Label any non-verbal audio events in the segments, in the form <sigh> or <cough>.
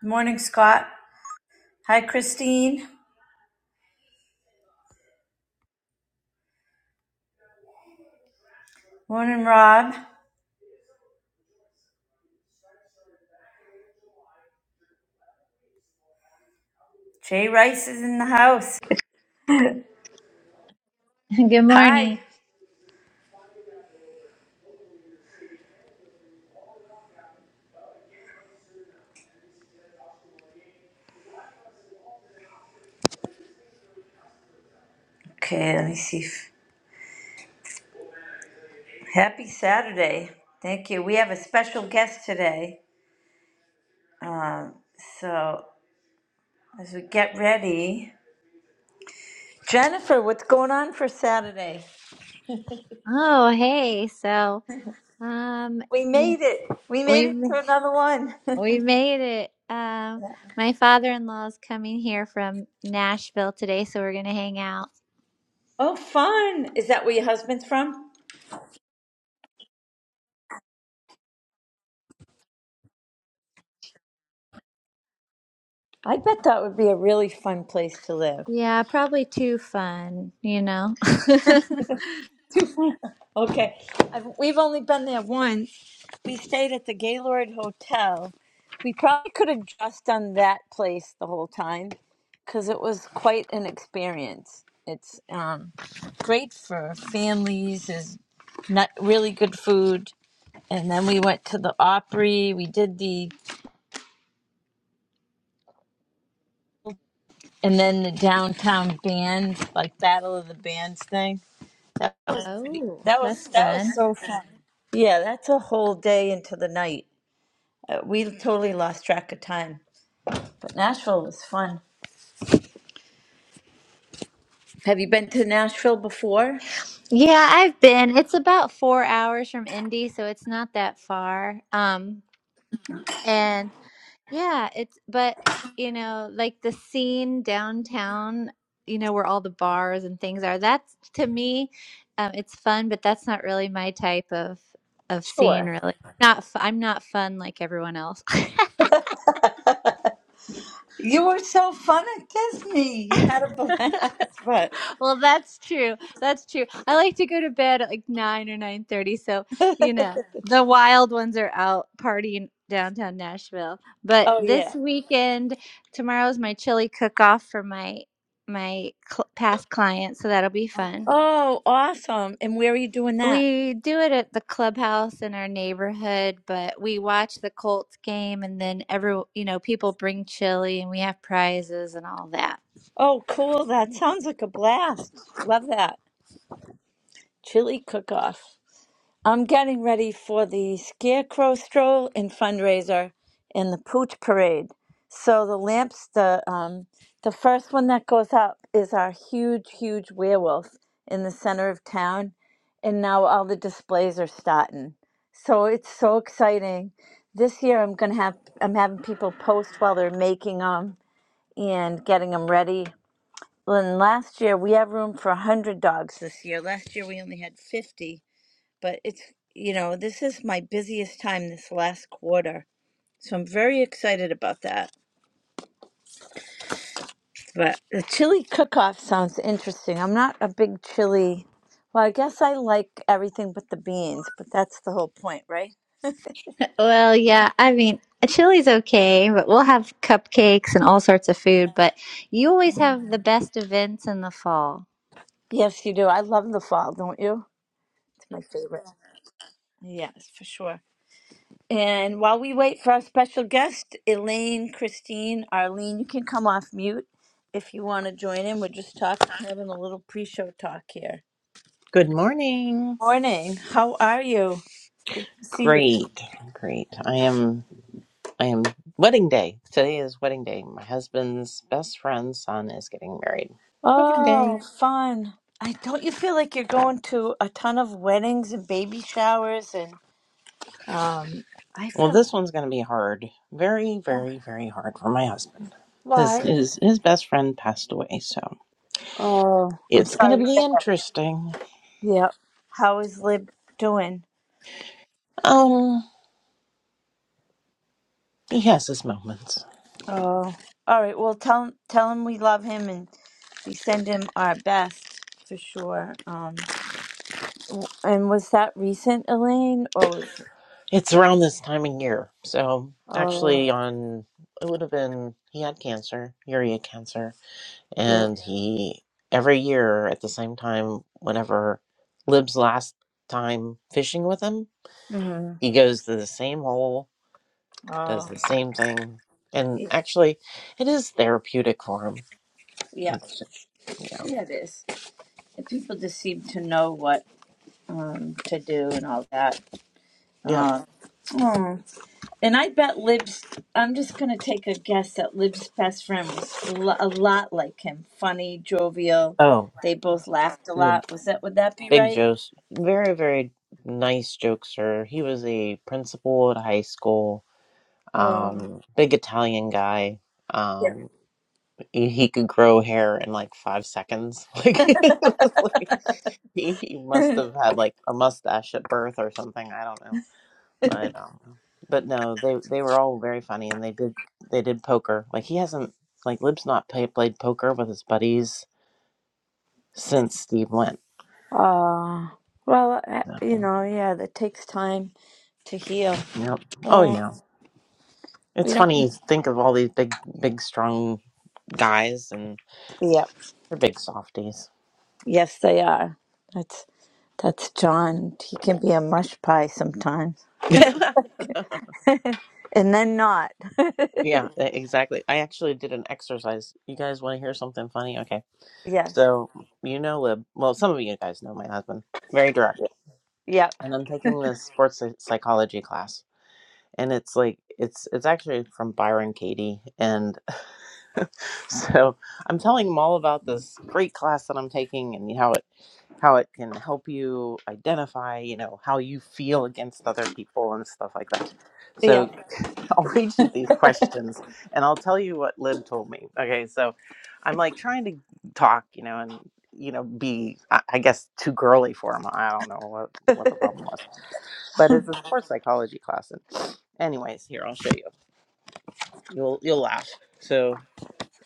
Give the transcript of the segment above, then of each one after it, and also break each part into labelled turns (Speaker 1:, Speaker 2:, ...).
Speaker 1: Good Morning, Scott. Hi, Christine. Morning, Rob. Jay Rice is in the house.
Speaker 2: <laughs> Good morning.
Speaker 1: Hi. Okay, let me see. if- Happy Saturday. Thank you. We have a special guest today. So, as we get ready, Jennifer, what's going on for Saturday?
Speaker 2: Oh, hey. So, um,
Speaker 1: We
Speaker 2: you-
Speaker 1: made it. We made
Speaker 2: we
Speaker 1: it
Speaker 2: ma-
Speaker 1: to another one. <laughs>
Speaker 2: we made it. Um, my father-in-law is coming here from Nashville today, so we're gonna hang out.
Speaker 1: oh, fun. Is that where your husband's from? I bet that would be a really fun place to live.
Speaker 2: Yeah, probably too fun, you know. <laughs>
Speaker 1: <laughs> Okay, I've, we've only been there once. We stayed at the Gaylord Hotel. We probably could have just done that place the whole time because it was quite an experience. It's um, great for families. Is not really good food. And then we went to the Opry. We did the and then the downtown band like Battle of the Bands thing. That was pretty.
Speaker 2: Oh,
Speaker 1: That was
Speaker 2: that's
Speaker 1: that was
Speaker 2: fun.
Speaker 1: so fun. Yeah, that's a whole day into the night. Uh, we totally lost track of time, but Nashville was fun. Have you been to Nashville before?
Speaker 2: Yeah, I've been. It's about four hours from Indy, so it's not that far. Um, Yeah, it's but you know, like the scene downtown, you know, where all the bars and things are. That's to me, um, it's fun, but that's not really my type of of scene,
Speaker 1: Sure.
Speaker 2: really. Not f- I'm not fun like everyone else.
Speaker 1: <laughs> You were so fun at Disney. You had a
Speaker 2: <laughs>
Speaker 1: blast, <laughs> but
Speaker 2: Well, that's true. That's true. I like to go to bed at like nine or nine thirty, so you
Speaker 1: <laughs>
Speaker 2: know the wild ones are out partying downtown Nashville. But
Speaker 1: oh yeah.
Speaker 2: this weekend, tomorrow is my chili cook-off for my my cl- past clients, so that'll be fun.
Speaker 1: Oh, awesome. And where are you doing that?
Speaker 2: We do it at the clubhouse in our neighborhood, but we watch the Colts game, and then every you know people bring chili, and we have prizes and all that.
Speaker 1: Oh, cool. That sounds like a blast. Love that. Chili cook off. I'm getting ready for the Scarecrow Stroll and fundraiser and the Pooch Parade. So the lamps, the um, the first one that goes up is our huge, huge werewolf in the center of town, and now all the displays are starting. So it's so exciting. This year I'm gonna have I'm having people post while they're making them and getting them ready. And last year we had room for one hundred dogs. This year, last year we only had fifty but it's, you know, this is my busiest time this last quarter. So I'm very excited about that. But the chili cook-off sounds interesting. I'm not a big chili. Well, I guess I like everything but the beans, but that's the whole point, right?
Speaker 2: Well, yeah, I mean, chili's okay, but we'll have cupcakes and all sorts of food. But you always have the best events in the fall.
Speaker 1: Yes, you do. I love the fall, don't you? It's my favorite. Yes, for sure. And while we wait for our special guest, Elaine, Christine, Arlene, you can come off mute if you want to join in. We're just talking, having a little pre-show talk here.
Speaker 3: Good morning.
Speaker 1: Morning. How are you? Good to see you.
Speaker 3: Great, great. I am, I am wedding day. Today is wedding day. My husband's best friend's son is getting married. Wedding
Speaker 1: Oh,
Speaker 3: day.
Speaker 1: fun. I don't you feel like you're going to a ton of weddings and baby showers and um I
Speaker 3: Well,
Speaker 1: feel like
Speaker 3: this one's going to be hard. Very, very, very hard for my husband. His,
Speaker 1: why?
Speaker 3: his, his best friend passed away, so
Speaker 1: Oh, I'm
Speaker 3: it's going to
Speaker 1: sorry. to
Speaker 3: be
Speaker 1: hear that.
Speaker 3: interesting.
Speaker 1: Yep. How is Lib doing?
Speaker 3: Um, he has his moments.
Speaker 1: Oh. All right. Well, tell him tell him we love him and we send him our best for sure. Um and was that recent, Elaine, or was
Speaker 3: It's around this time of year, so
Speaker 1: Oh,
Speaker 3: actually on, it would have been, he had cancer, urea cancer
Speaker 1: yeah.
Speaker 3: and he every year at the same time whenever lib's last time fishing with him
Speaker 1: Mhm.
Speaker 3: he goes to the same hole does
Speaker 1: Oh.
Speaker 3: the same thing and actually it is therapeutic for him
Speaker 1: Yeah.
Speaker 3: It's- yeah
Speaker 1: Yeah, it is. And people just seem to know what um, to do and all that.
Speaker 3: yeah
Speaker 1: Um, oh. And I bet Liv's, I'm just going to take a guess that Liv's best friend was lo- a lot like him funny, jovial.
Speaker 3: oh
Speaker 1: They both laughed a
Speaker 3: big,
Speaker 1: lot. Was that, would that be
Speaker 3: big
Speaker 1: right?
Speaker 3: jokes very very nice jokester he was a principal at high school
Speaker 1: Oh,
Speaker 3: um big italian guy
Speaker 1: Yeah.
Speaker 3: um he, he could grow hair in like five seconds <laughs> like <laughs> He, he must have had like a mustache at birth or something. I don't know, but um, but no, they they were all very funny, and they did they did poker. Like he hasn't like Lib's not play, played poker with his buddies since Steve went.
Speaker 1: uh, well, uh,
Speaker 3: So,
Speaker 1: you know, yeah, that takes time to heal.
Speaker 3: yep. Oh
Speaker 1: Oh,
Speaker 3: yeah.
Speaker 1: we
Speaker 3: It's
Speaker 1: don't.
Speaker 3: funny. you Think of all these big, big, strong guys, and
Speaker 1: Yeah.
Speaker 3: they're big softies.
Speaker 1: Yes, they are. That's that's John. He can be a mush pie sometimes,
Speaker 3: <laughs>
Speaker 1: and then not. <laughs>
Speaker 3: Yeah, e- exactly. I actually did an exercise. You guys want to hear something funny? Okay.
Speaker 1: yes.
Speaker 3: So, you know Lib. Well, some of you guys know my husband. Very direct.
Speaker 1: Yep.
Speaker 3: and I'm taking this sports psy- psychology class. And it's like it's it's actually from Byron Katie, and <laughs> so I'm telling them all about this great class that I'm taking and how it how it can help you identify, you know, how you feel against other people and stuff like that. So
Speaker 1: Yep.
Speaker 3: <laughs> I'll read you these questions, and I'll tell you what Lib told me. Okay, so I'm like trying to talk, you know, and you know, be I I guess too girly for him. I don't know what what the problem was but it's a sports psychology class. And anyways, here I'll show you. You'll you'll laugh. So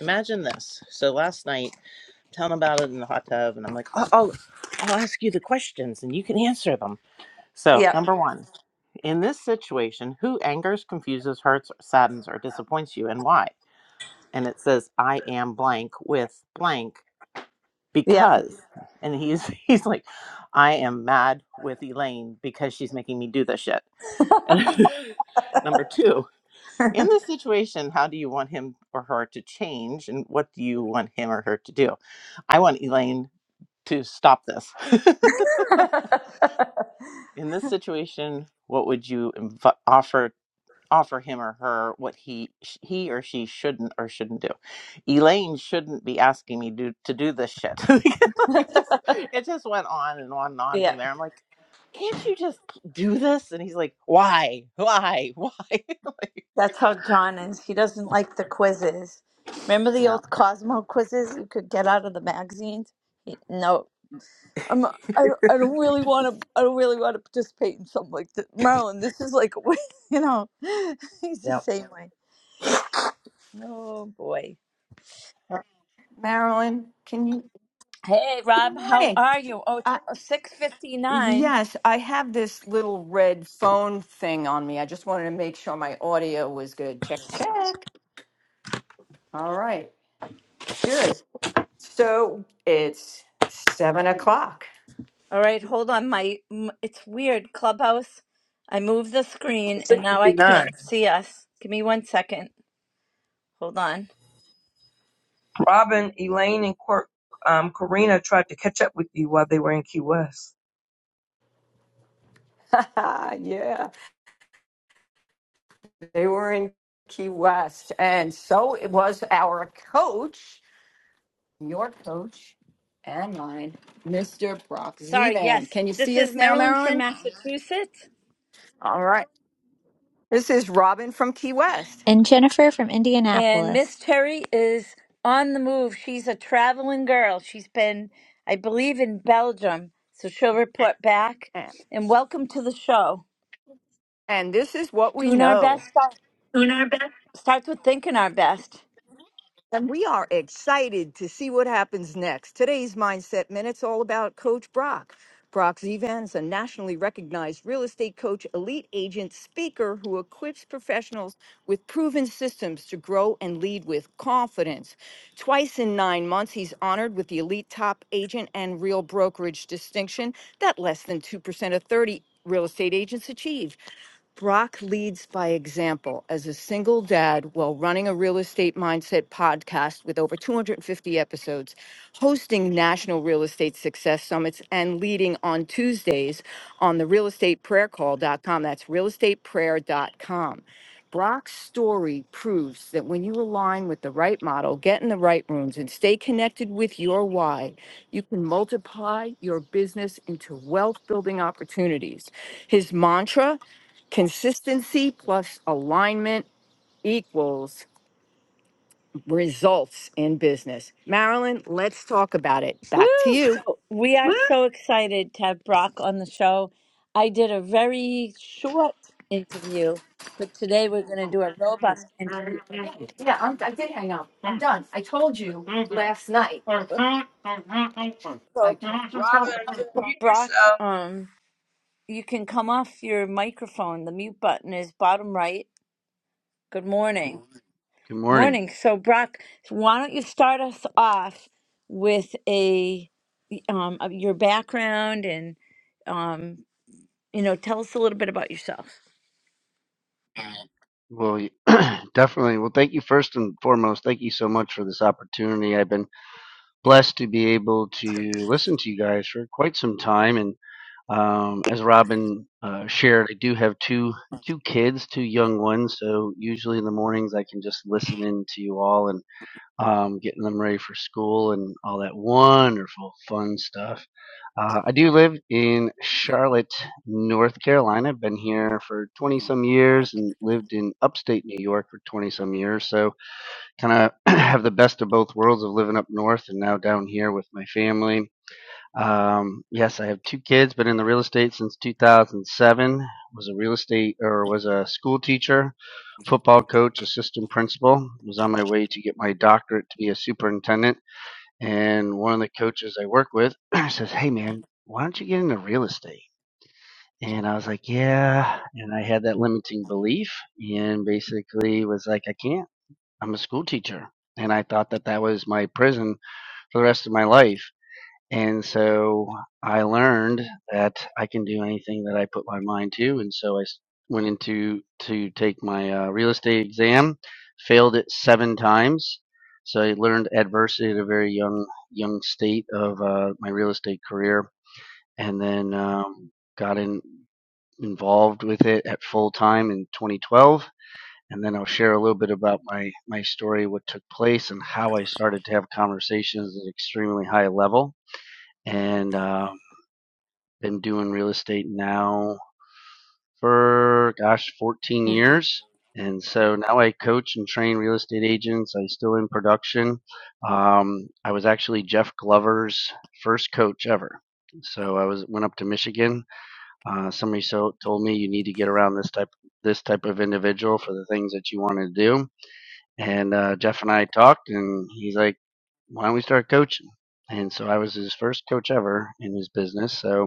Speaker 3: imagine this. So last night, I'm telling about it in the hot tub, and I'm like, oh, I'll, I'll ask you the questions, and you can answer them. So
Speaker 1: Yep.
Speaker 3: number one, in this situation, who angers, confuses, hurts, saddens, or disappoints you, and why? And it says, I am blank with blank
Speaker 1: Yep.
Speaker 3: because, and he's <laughs> he's like, I am mad with Elaine because she's making me do this shit. And <laughs> number two. In this situation, how do you want him or her to change, and what do you want him or her to do? I want Elaine to stop this.
Speaker 1: <laughs>
Speaker 3: <laughs> in this situation, what would you inv- offer offer him or her what he sh- he or she shouldn't or shouldn't do? Elaine shouldn't be asking me do, to do this shit. <laughs> Like, it just it just went on and on and on from
Speaker 1: yep.
Speaker 3: there. I'm like, can't you just do this? And he's like, why, why, <laughs> why? <laughs> like,
Speaker 1: That's how John is. He doesn't like the quizzes. Remember the
Speaker 3: no.
Speaker 1: old Cosmo quizzes you could get out of the magazines? He- No. I'm, I, don't, I don't really want to. I don't really want to participate in something like this, Marilyn. This is like, <laughs> you know, <laughs> he's the
Speaker 3: yeah.
Speaker 1: same way. Oh boy.
Speaker 4: Marilyn, can you?
Speaker 1: Hey
Speaker 4: Good
Speaker 1: Rob, how
Speaker 4: morning.
Speaker 1: are you? Oh, it's
Speaker 4: Uh,
Speaker 1: uh, six fifty nine.
Speaker 4: yes, I have this little red phone thing on me. I just wanted to make sure my audio was good. Check, check. All right, good. So it's seven o'clock.
Speaker 1: All right, hold on. My m- it's weird. Clubhouse. I moved the screen and now I
Speaker 5: 659.
Speaker 1: can't see us. Give me one second. Hold on.
Speaker 5: Robin, Elaine, and Cor- um, Karina tried to catch up with you while they were in Key West.
Speaker 4: <laughs> yeah, they were in Key West. And so it was our coach, your coach and mine, Mr. Brock
Speaker 1: Sorry.
Speaker 4: Zevan.
Speaker 1: Yes,
Speaker 4: Can you
Speaker 1: this
Speaker 4: see
Speaker 1: is
Speaker 4: us now,
Speaker 1: Marilyn from
Speaker 4: Marilyn?
Speaker 1: Massachusetts,
Speaker 4: All right. This is Robin from Key West.
Speaker 2: And Jennifer from
Speaker 1: and
Speaker 2: Indianapolis.
Speaker 1: Miss Terry is on the move. She's a traveling girl. She's been, I believe, in Belgium, so she'll report back. And welcome to the show.
Speaker 4: And this is what we
Speaker 1: Doing our best
Speaker 4: know.
Speaker 1: starts starts with thinking our best.
Speaker 4: And we are excited to see what happens next. Today's Mindset Minute's all about Coach Brock. Brock Zivan is a nationally recognized real estate coach, elite agent, speaker who equips professionals with proven systems to grow and lead with confidence. Twice in nine months, he's honored with the Elite Top Agent and Real Brokerage distinction that less than 2% of 30 real estate agents achieve. Brock leads by example as a single dad while running a real estate mindset podcast with over 250 episodes, hosting national real estate success summits, and leading on Tuesdays on the realestateprayercall.com. That's realestateprayer.com. Brock's story proves that when you align with the right model, get in the right rooms, and stay connected with your why, you can multiply your business into wealth building opportunities. His mantra Consistency plus alignment equals results in business. Marilyn, let's talk about it.
Speaker 1: Woo!
Speaker 4: Back to you.
Speaker 1: So we are so excited to have Brock on the show. I did a very short interview, but today we're going to do a robust interview.
Speaker 4: Yeah, I'm, I did hang up. I'm done. I told you last night. I
Speaker 1: So
Speaker 5: Robin, mute
Speaker 1: Brock,
Speaker 5: yourself.
Speaker 1: um, you can come off your microphone. The mute button is bottom right. Good morning.
Speaker 6: Good morning.
Speaker 1: Morning. So Brock, why don't you start us off with a um of your background and um you know tell us a little bit about yourself.
Speaker 6: Well, you- <clears throat> definitely. Well, thank you first and foremost. Thank you so much for this opportunity. I've been blessed to be able to listen to you guys for quite some time. And um, as Robin uh, shared, I do have two two kids, two young ones. So usually in the mornings, I can just listen in to you all. and. um, getting them ready for school and all that wonderful, fun stuff. Uh, I do live in Charlotte, North Carolina. I've been here for 20 some years and lived in upstate New York for 20 some years. So, kind of <clears throat> have the best of both worlds of living up north and now down here with my family. Um, yes, I have two kids. Been in the real estate since 2007. Was a real estate or was a school teacher, football coach, assistant principal. Was on my way to get my doctorate to be a superintendent. And one of the coaches I work with <clears throat> says, "Hey, man, why don't you get into real estate?" And I was like, "Yeah." And I had that limiting belief, and basically was like, "I can't. I'm a school teacher." And I thought that that was my prison for the rest of my life and so I learned that I can do anything that I put my mind to. And so I went into to take my uh, real estate exam, failed it seven times. So I learned adversity at a very young young state of uh, my real estate career, and then um, got in, involved with it at full time in 2012. And then I'll share a little bit about my my story, what took place, and how I started to have conversations at an extremely high level and. uh, been doing real estate now for gosh, 14
Speaker 1: Mhm.
Speaker 6: years. And so now I coach and train real estate agents. I still in production. Um, I was actually Jeff Glover's first coach ever. So I was went up to Michigan. Uh, somebody so told me you need to get around this type this type of individual for the things that you want to do. And uh, Jeff and I talked, and he's like, "Why don't we start coaching?" And so I was his first coach ever in his business. So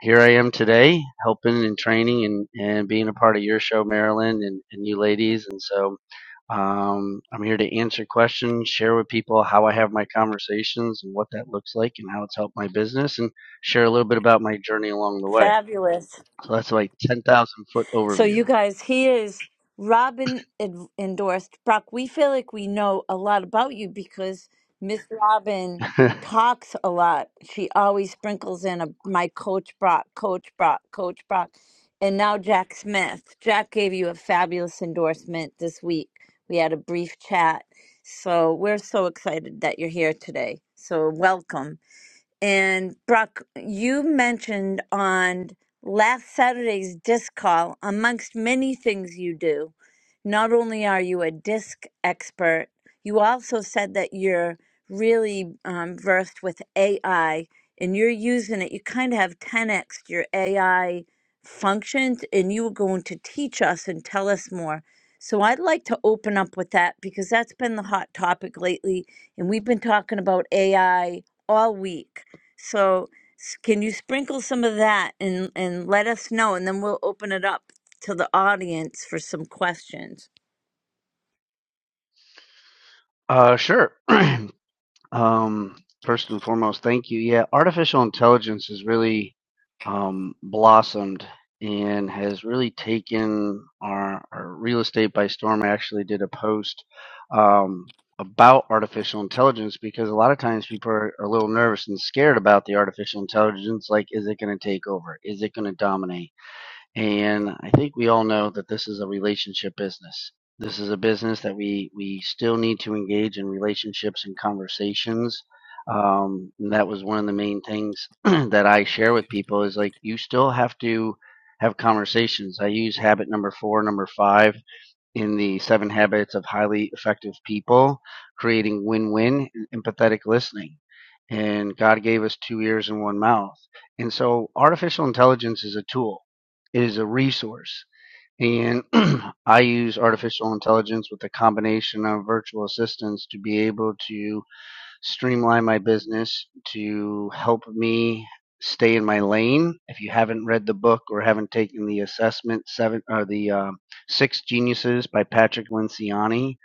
Speaker 6: here I am today, helping and training and, and being a part of your show, Marilyn, and, and you ladies. And so um, I'm here to answer questions, share with people how I have my conversations and what that looks like and how it's helped my business, and share a little bit about my journey along the way.
Speaker 1: Fabulous.
Speaker 6: So that's like 10,000 foot
Speaker 1: So
Speaker 6: overview.
Speaker 1: you guys, he is Robin en- endorsed Brock. We feel like we know a lot about you because Miss Robin
Speaker 6: <laughs>
Speaker 1: talks a lot. She always sprinkles in a my coach Brock, coach Brock, coach Brock. And now Jack Smith. Jack gave you a fabulous endorsement this week. We had a brief chat. So we're so excited that you're here today. So welcome. And Brock, you mentioned on last Saturday's disc call, amongst many things you do, not only are you a disc expert, you also said that you're really um, versed with AI and you're using it. You kind of have 10x your AI functions, and you were going to teach us and tell us more. So I'd like to open up with that because that's been the hot topic lately, and we've been talking about AI all week so s- can you sprinkle some of that and and let us know, and then we'll open it up to the audience for some questions.
Speaker 6: uh, sure. <clears throat> Um, first and foremost, thank you. Yeah, artificial intelligence has really um, blossomed and has really taken our, our real estate by storm. I actually did a post um, about artificial intelligence because a lot of times people are, are a little nervous and scared about the artificial intelligence. Like, is it going to take over? Is it going to dominate? And I think we all know that this is a relationship business. This is a business that we, we still need to engage in relationships and conversations. Um, and that was one of the main things <clears throat> that I share with people is like, you still have to have conversations. I use habit number four, number five in the Seven Habits of Highly Effective People, creating win win and empathetic listening. And God gave us two ears and one mouth. And so artificial intelligence is a tool, it is a resource. And <clears throat> I use artificial intelligence with a combination of virtual assistants to be able to streamline my business, to help me stay in my lane. If you haven't read the book or haven't taken the assessment, seven or the um, Six Geniuses by Patrick Lenciani,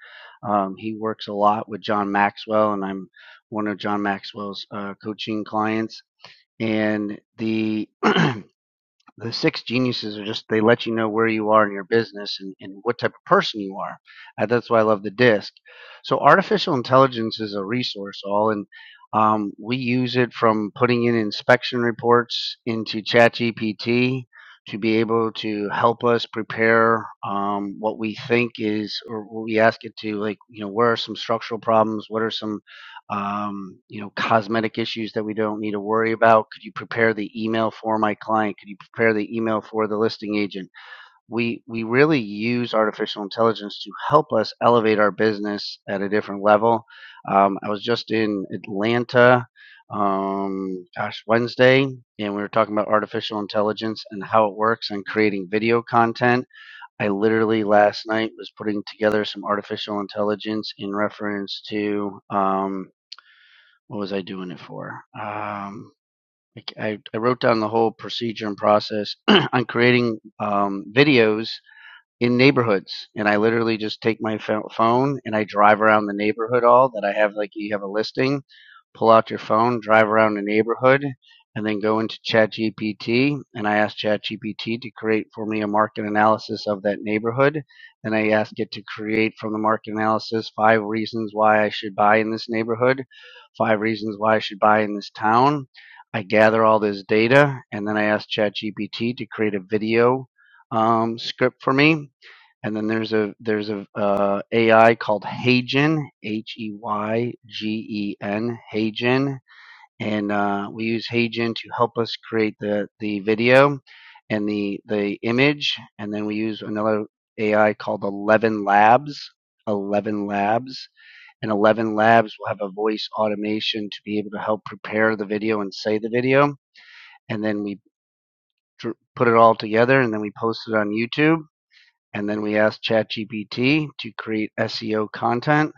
Speaker 6: um, he works a lot with John Maxwell, and I'm one of John Maxwell's uh, coaching clients. And the <clears throat> the six geniuses are just they let you know where you are in your business and, and what type of person you are Uh, that's why i love the disc so artificial intelligence is a resource all and um, we use it from putting in inspection reports into ChatGPT to be able to help us prepare um, what we think is or what we ask it to like you know where are some structural problems what are some um, you know, cosmetic issues that we don't need to worry about? Could you prepare the email for my client? Could you prepare the email for the listing agent? We we really use artificial intelligence to help us elevate our business at a different level. Um, I was just in Atlanta, um, gosh, Wednesday, and we were talking about artificial intelligence and how it works and creating video content. I literally last night was putting together some artificial intelligence in reference to um, what was I doing it for? Um, I, I, wrote down the whole procedure and process <clears throat> on creating um, videos in neighborhoods and I literally just take my phone and I drive around the neighborhood all that I have like you have a listing pull out your phone drive around the neighborhood and then go into ChatGPT and I ask ChatGPT to create for me a market analysis of that neighborhood Then I ask it to create from the market analysis five reasons why I should buy in this neighborhood five reasons why I should buy in this town I gather all this data and then I ask ChatGPT to create a video um, script for me and then there's a there's a uh, AI called Heygen H E Y G E N, Heygen, and uh, we use Heygen to help us create the the video and the the image, and then we use another AI called Eleven Labs. 11 labs and 11 labs will have a voice automation to be able to help prepare the video and say the video and then we put it all together and then we post it on youtube and then we asked ChatGPT to create SEO content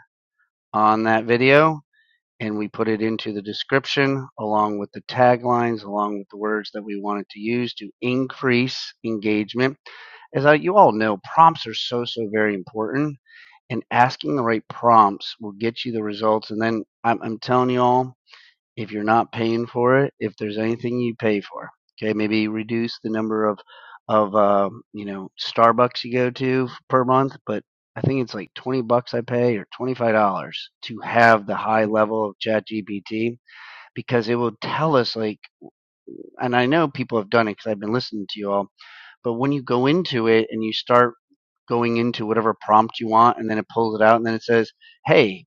Speaker 6: on that video. And we put it into the description along with the taglines, along with the words that we wanted to use to increase engagement. As you all know, prompts are so, so very important. And asking the right prompts will get you the results. And then I'm, I'm telling you all, if you're not paying for it, if there's anything you pay for, okay, maybe reduce the number of of um, you know Starbucks you go to per month, but I think it's like twenty bucks I pay or twenty five dollars to have the high level of Chat GPT because it will tell us like, and I know people have done it because I've been listening to you all, but when you go into it and you start going into whatever prompt you want and then it pulls it out and then it says hey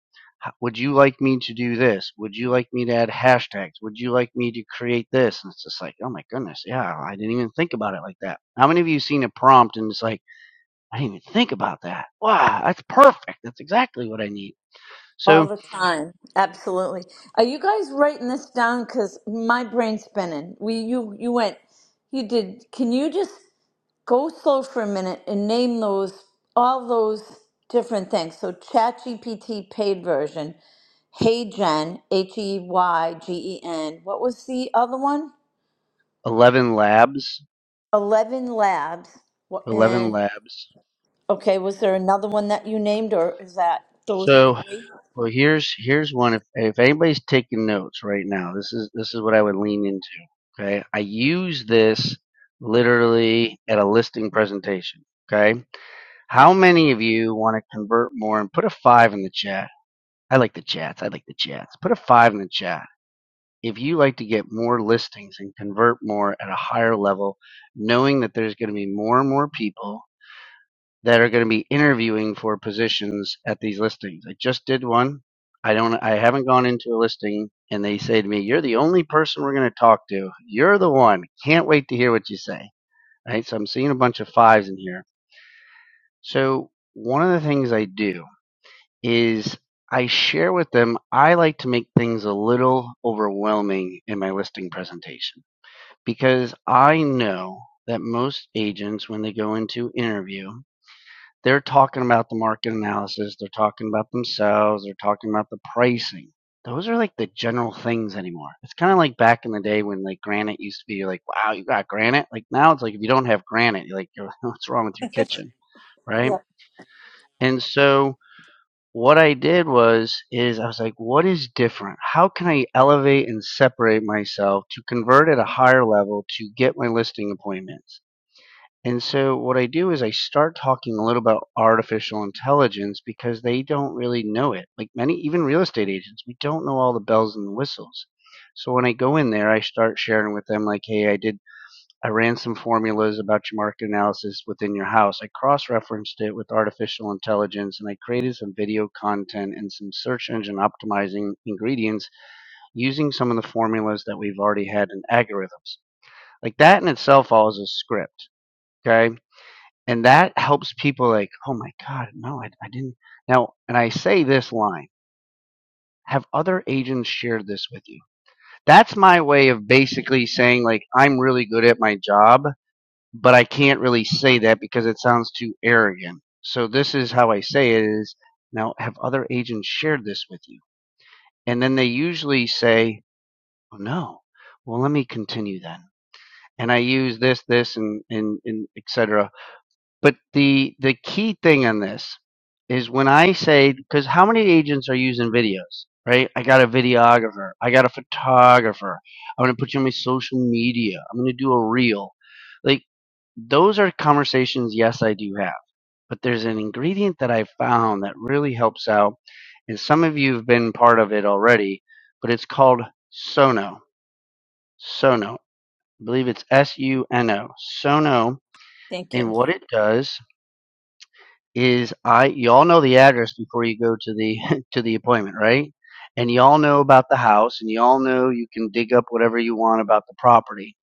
Speaker 6: would you like me to do this? Would you like me to add hashtags? Would you like me to create this? And it's just like, oh my goodness, yeah, I didn't even think about it like that. How many of you seen a prompt and it's like, I didn't even think about that. Wow, that's perfect. That's exactly what I need.
Speaker 1: All
Speaker 6: So
Speaker 1: the time. Absolutely. Are you guys writing this down? Because my brain's spinning. We you you went you did can you just go slow for a minute and name those all those different things? So ChatGPT paid version, Hey Gen, H E Y G E N. What was the other one?
Speaker 6: 11 labs,
Speaker 1: 11 Labs. wha-
Speaker 6: 11
Speaker 1: And,
Speaker 6: labs.
Speaker 1: okay, was there another one that you named, or is that those
Speaker 6: So
Speaker 1: three?
Speaker 6: well, here's here's one. If if anybody's taking notes right now, this is this is what I would lean into. Okay, I use this literally at a listing presentation. Okay, How many of you want to convert more and put a five in the chat? I like the chats. I like the chats. Put a five in the chat. If you like to get more listings and convert more at a higher level, knowing that there's going to be more and more people that are going to be interviewing for positions at these listings. I just did one. I don't I haven't gone into a listing and they say to me, "You're the only person we're going to talk to. You're the one. Can't wait to hear what you say." Right? So I'm seeing a bunch of fives in here. So one of the things I do is I share with them I like to make things a little overwhelming in my listing presentation because I know that most agents, when they go into interview, they're talking about the market analysis, they're talking about themselves, they're talking about the pricing. Those are like the general things anymore. It's kind of like back in the day when like granite used to be like, wow, you got granite. Like now it's like if you don't have granite, you're like, you're, <laughs> what's wrong with your
Speaker 1: <laughs>
Speaker 6: kitchen, right?
Speaker 1: Yeah,
Speaker 6: And so what I did was is I was like, what is different? How can I elevate and separate myself to convert at a higher level to get my listing appointments? And so what I do is I start talking a little about artificial intelligence because they don't really know it. Like many even real estate agents, we don't know all the bells and the whistles. So when I go in there, I start sharing with them like, "Hey, I did I ran some formulas about your market analysis within your house. I cross referenced it with artificial intelligence and I created some video content and some search engine optimizing ingredients using some of the formulas that we've already had in algorithms. Like that in itself all is a script. Okay. And that helps people like, oh my God, no, I, I didn't. Now, and I say this line have other agents shared this with you? That's my way of basically saying, like, I'm really good at my job but I can't really say that because it sounds too arrogant. So this is how I say it is now have other agents shared this with you? And then they usually say, oh, no. Well, let me continue then. And I use this, this, and, and, and etc. But the the key thing on this is when I say because how many agents are using videos, right? I got a videographer, I got a photographer. I'm gonna put you on my social media. I'm gonna do a reel. Like those are conversations. Yes, I do have, but there's an ingredient that I found that really helps out, and some of you have been part of it already. But it's called Sono. Sono. I believe it's S U N O. Sono.
Speaker 1: thank
Speaker 6: And
Speaker 1: you.
Speaker 6: what it does is I you all know the address before you go to the <laughs> to the appointment, right? And you all know about the house and you all know you can dig up whatever you want about the property.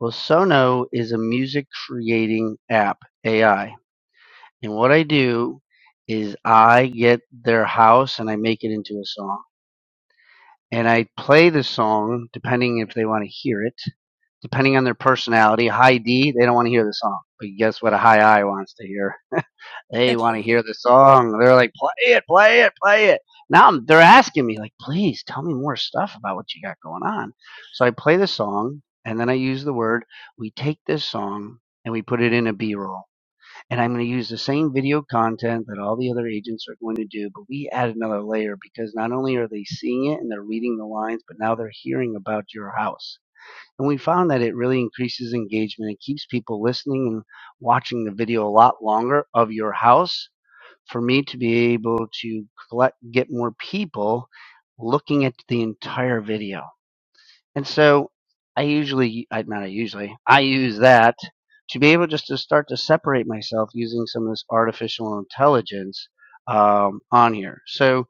Speaker 6: Well, Sono is a music creating app, AI. And what I do is I get their house and I make it into a song. And I play the song depending if they want to hear it, depending on their personality. High D, they don't want to hear the song. But guess what a high I wants to hear? They
Speaker 1: <laughs>
Speaker 6: want to hear the song. They're like, play it, play it, play it. Now I'm, they're asking me, like, please tell me more stuff about what you got going on. So I play the song, and then I use the word. We take this song and we put it in a B roll. And I'm going to use the same video content that all the other agents are going to do, but we add another layer because not only are they seeing it and they're reading the lines, but now they're hearing about your house. And we found that it really increases engagement. It keeps people listening and watching the video a lot longer of your house for me to be able to collect, get more people looking at the entire video. And so I usually, I, not I usually, I use that to be able just to start to separate myself using some of this artificial intelligence um, on here. So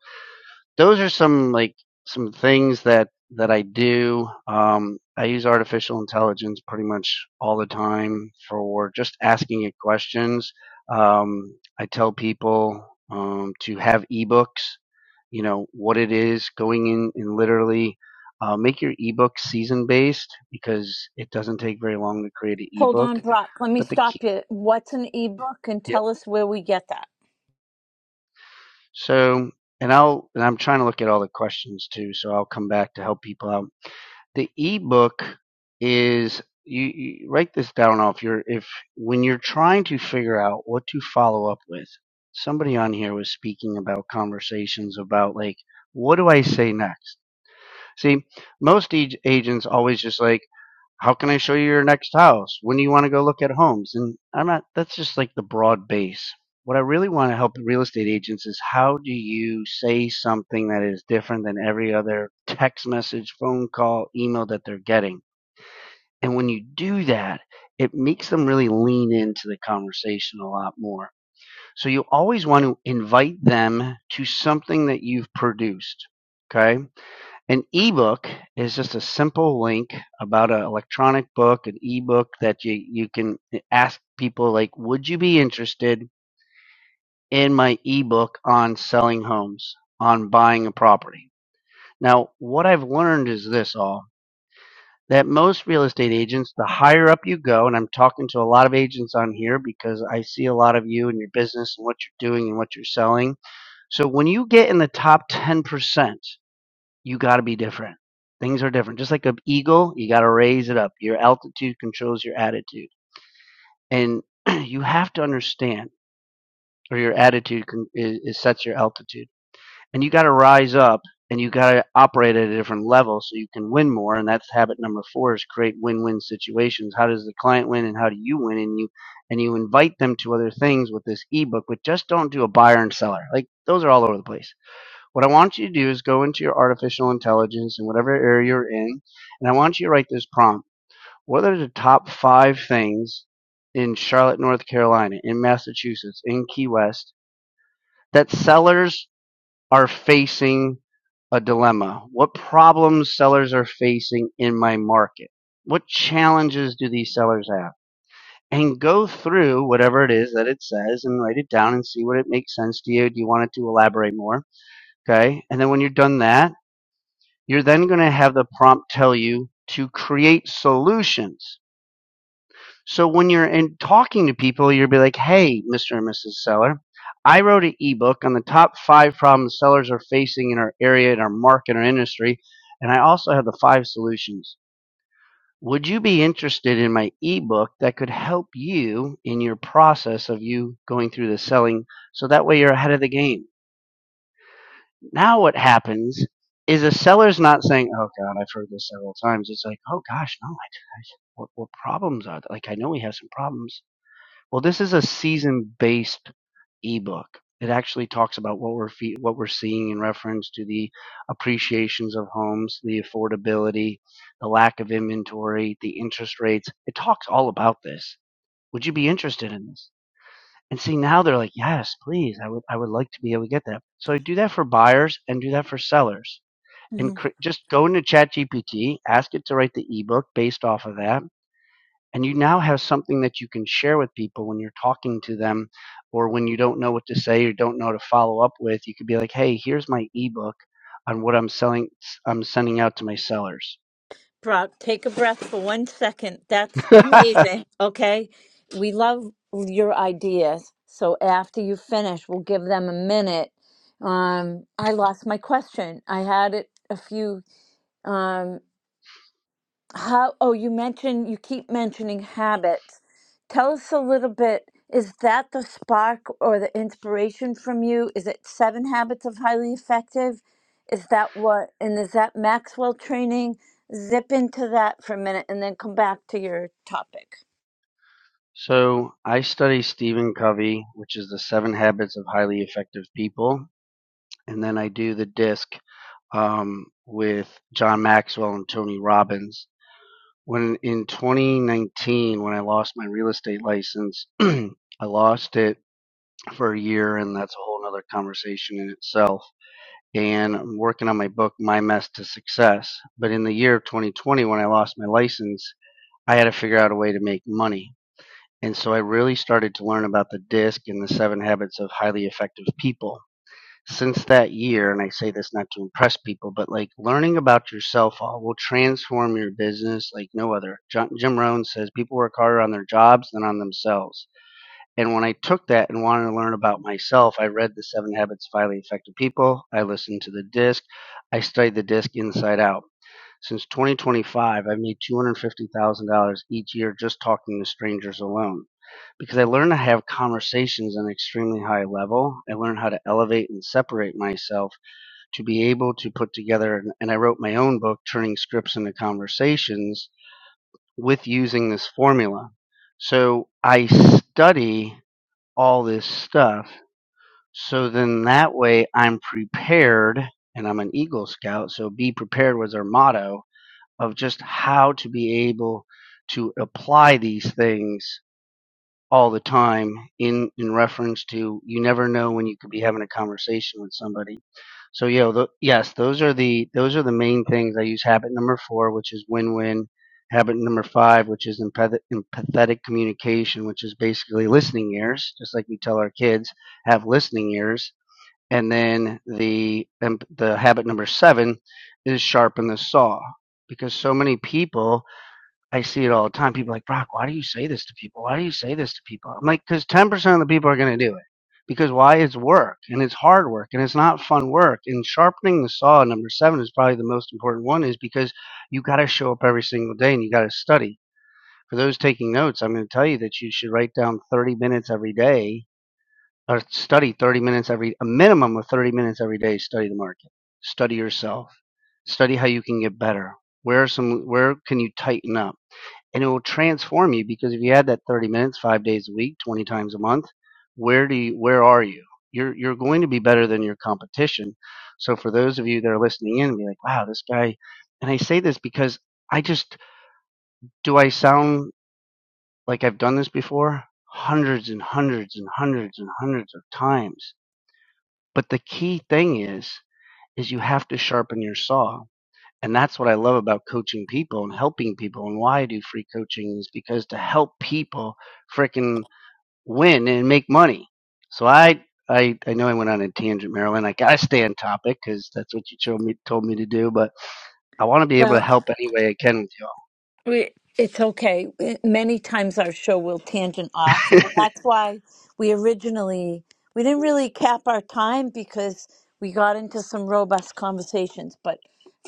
Speaker 6: those are some like some things that that I do. Um, I use artificial intelligence pretty much all the time for just asking it questions. Um, I tell people um, to have ebooks. You know what it is going in and literally uh, make your ebook season based because it doesn't take very long to create an
Speaker 1: Hold
Speaker 6: ebook.
Speaker 1: on, Brock. Let me
Speaker 6: But the key,
Speaker 1: stop you. What's an ebook and
Speaker 6: yep.
Speaker 1: tell us where we get that?
Speaker 6: So, and I'll and I'm trying to look at all the questions too, so I'll come back to help people out. The ebook is you, you write this down off your if when you're trying to figure out what to follow up with. Somebody on here was speaking about conversations about like what do I say next? See, most ag- agents always just like, how can I show you your next house? When do you want to go look at homes? And I'm not, that's just like the broad base. What I really want to help real estate agents is how do you say something that is different than every other text message, phone call, email that they're getting? And when you do that, it makes them really lean into the conversation a lot more. So you always want to invite them to something that you've produced. Okay an ebook is just a simple link about an electronic book, an ebook that you, you can eh, ask people like, would you be interested in my ebook on selling homes, on buying a property? Now, what I've learned is this all that most real estate agents, the higher up you go, and I'm talking to a lot of agents on here because I see a lot of you and your business and what you're doing and what you're selling. So when you get in the top 10%, you got to be different. Things are different. Just like an eagle, you got to raise it up. Your altitude controls your attitude. And <clears throat> you have to understand, or your attitude con- is, is sets your altitude. And you got to rise up and you got to operate at a different level so you can win more. And that's habit number four is create win-win situations. How does the client win and how do you win? And you, and you invite them to other things with this ebook, but just don't do a buyer and seller. Like those are all over the place what I want you to do is go into your artificial intelligence in whatever area you're in, and I want you to write this prompt. What are the top five things in Charlotte, North Carolina, in Massachusetts, in Key West that sellers are facing a dilemma? What problems sellers are facing in my market? What challenges do these sellers have? And go through whatever it is that it says and write it down and see what it makes sense to you. Do you want it to elaborate more? Okay. And then when you're done that, You're then going to have the prompt tell you to create solutions. So when you're in talking to people, you'll be like, hey, Mr. and Mrs. Seller, I wrote an ebook on the top five problems sellers are facing in our area, in our market, our industry, and I also have the five solutions. Would you be interested in my ebook that could help you in your process of you going through the selling so that way you're ahead of the game? Now what happens is the seller's not saying, "Oh God, I've heard this several times." It's like, "Oh gosh, no, I, I what, what problems are there? like? I know we have some problems." Well, this is a season-based ebook. It actually talks about what we're fe- what we're seeing in reference to the appreciations of homes, the affordability, the lack of inventory, the interest rates. It talks all about this. Would you be interested in this? And see now they're like, yes, please, I would I would like to be able to get that. So I do that for buyers and do that for sellers and
Speaker 1: Mhm.
Speaker 6: cre- just go into ChatGPT, ask it to write the ebook based off of that, and you now have something that you can share with people when you're talking to them or when you don't know what to say or don't know how to follow up with. You could be like, "Hey, here's my ebook on what I'm selling I'm sending out to my sellers."
Speaker 1: Brock, take a breath for one second. That's
Speaker 6: <laughs>
Speaker 1: amazing. Okay. We love your ideas. So after you finish, we'll give them a minute. Um, I lost my question. I had it a few. Um, How, oh, you mentioned, you keep mentioning habits. Tell us a little bit, is that the spark or the inspiration from you? Is it Seven Habits of Highly Effective? Is that what, and is that Maxwell training? Zip into that for a minute and then come back to your topic.
Speaker 6: so, I study Stephen Covey, which is the 7 habits of highly effective people, and then I do the disc um, with John Maxwell and Tony Robbins When in 2019, when I lost my real estate license, <clears throat> I lost it for a year, and that's a whole nother conversation in itself. And I'm working on my book, My Mess to Success. But in the year of 2020, when I lost my license, I had to figure out a way to make money. And so I really started to learn about the DISC and the seven habits of highly effective people since that year, and I say this not to impress people, but like learning about yourself all will transform your business like no other. Jim Rohn says people work harder on their jobs than on themselves. And when I took that and wanted to learn about myself, I read The Seven Habits of Highly Effective People. I listened to the disc. I studied the disc inside out. Since 2025, I've made $250,000 each year just talking to strangers alone because I learned to have conversations at an extremely high level. I learned how to elevate and separate myself to be able to put together, and I wrote my own book, Turning Scripts into Conversations, with using this formula. So I study all this stuff. So then that way I'm prepared and I'm an Eagle Scout. So be prepared was our motto of just how to be able to apply these things all the time in, in reference to you never know when you could be having a conversation with somebody so yeah, tho- yes, those are the those are the main things. I use habit number four, which is win-win. Habit number five, which is empath- empathetic communication, which is basically listening ears, just like we tell our kids have listening ears. And then the em- the habit number seven is sharpen the saw, because so many people I see it all the time. People are like, Brock, why do you say this to people? Why do you say this to people? I'm like, because 10% of the people are going to do it. Because why? It's work and it's hard work and it's not fun work. And sharpening the saw, number seven, is probably the most important one, is because you got to show up every single day and you got to study. For those taking notes, I'm going to tell you that you should write down 30 minutes every day or study 30 minutes every, a minimum of 30 minutes every day, study the market, study yourself, study how you can get better. Where are some, where can you tighten up? and it will transform you because if you had that 30 minutes five days a week 20 times a month where do you where are you you're you're going to be better than your competition so for those of you that are listening in be like wow this guy and i say this because i just do i sound like i've done this before hundreds and hundreds and hundreds and hundreds of times but the key thing is is you have to sharpen your saw and that's what I love about coaching people and helping people and why I do free coaching is because to help people freaking win and make money. So I, I, I know I went on a tangent, Marilyn. I gotta stay on topic because that's what you told me, told me to do, but I want to be able to
Speaker 1: Well,
Speaker 6: help any way I can with
Speaker 1: We, it's okay. We- Many times our show will tangent off,
Speaker 6: y'all.
Speaker 1: and that's why we originally we didn't really cap our time because we got into some robust conversations. But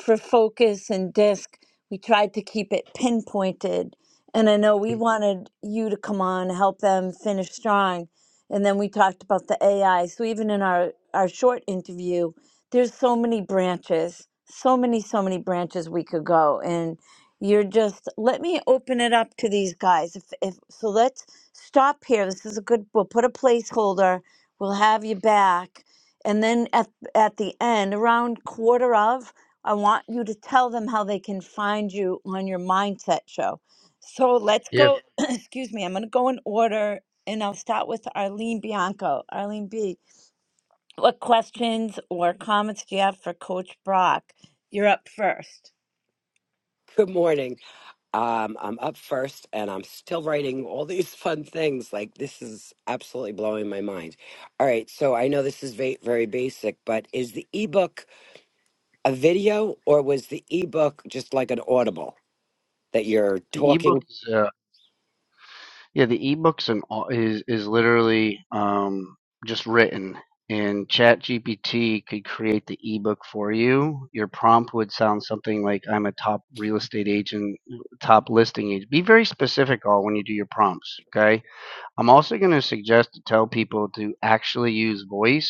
Speaker 1: for focus and disc, we tried to keep it pinpointed. And I know we wanted you to come on, help them finish strong, and then we talked about the AI. So even in our our short interview, there's so many branches, so many, so many branches we could go and. You're just let me open it up to these guys. If if so, let's stop here. This is a good. We'll put a placeholder. We'll have you back, and then at at the end, around quarter of, I want you to tell them how they can find you on your mindset show. So let's
Speaker 6: <laughs> yeah.
Speaker 1: go. <clears throat> excuse me. I'm gonna go in order, and I'll start with Arlene Bianco. Arlene B. What questions or comments do you have for Coach Brock? You're up first.
Speaker 7: Good morning. Um, I'm up first and I'm still writing all these <laughs> fun things. Like, this is absolutely blowing my mind. All right. So, I know this is va- very basic, but is the ebook a video or was the ebook just like an audible that you're
Speaker 6: The ebook
Speaker 7: talking?
Speaker 6: is, uh, Yeah, the ebooks and all is is literally um, just written, and ChatGPT could create the ebook for you. Your prompt would sound something like, "I'm a top real estate agent, top listing agent." Be very specific, all when you do your prompts. Okay. I'm also going to suggest to tell people to actually use voice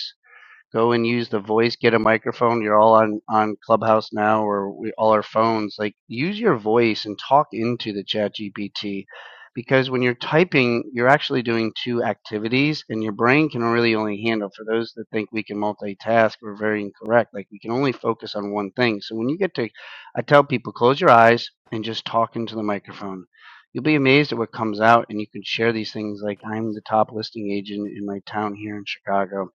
Speaker 6: go and use the voice get a microphone you're all on on clubhouse now or we all our phones like use your voice and talk into the chat gpt because when you're typing you're actually doing two activities and your brain can really only handle for those that think we can multitask we're very incorrect like we can only focus on one thing so when you get to i tell people close your eyes and just talk into the microphone you'll be amazed at what comes out and you can share these things like i'm the top listing agent in my town here in chicago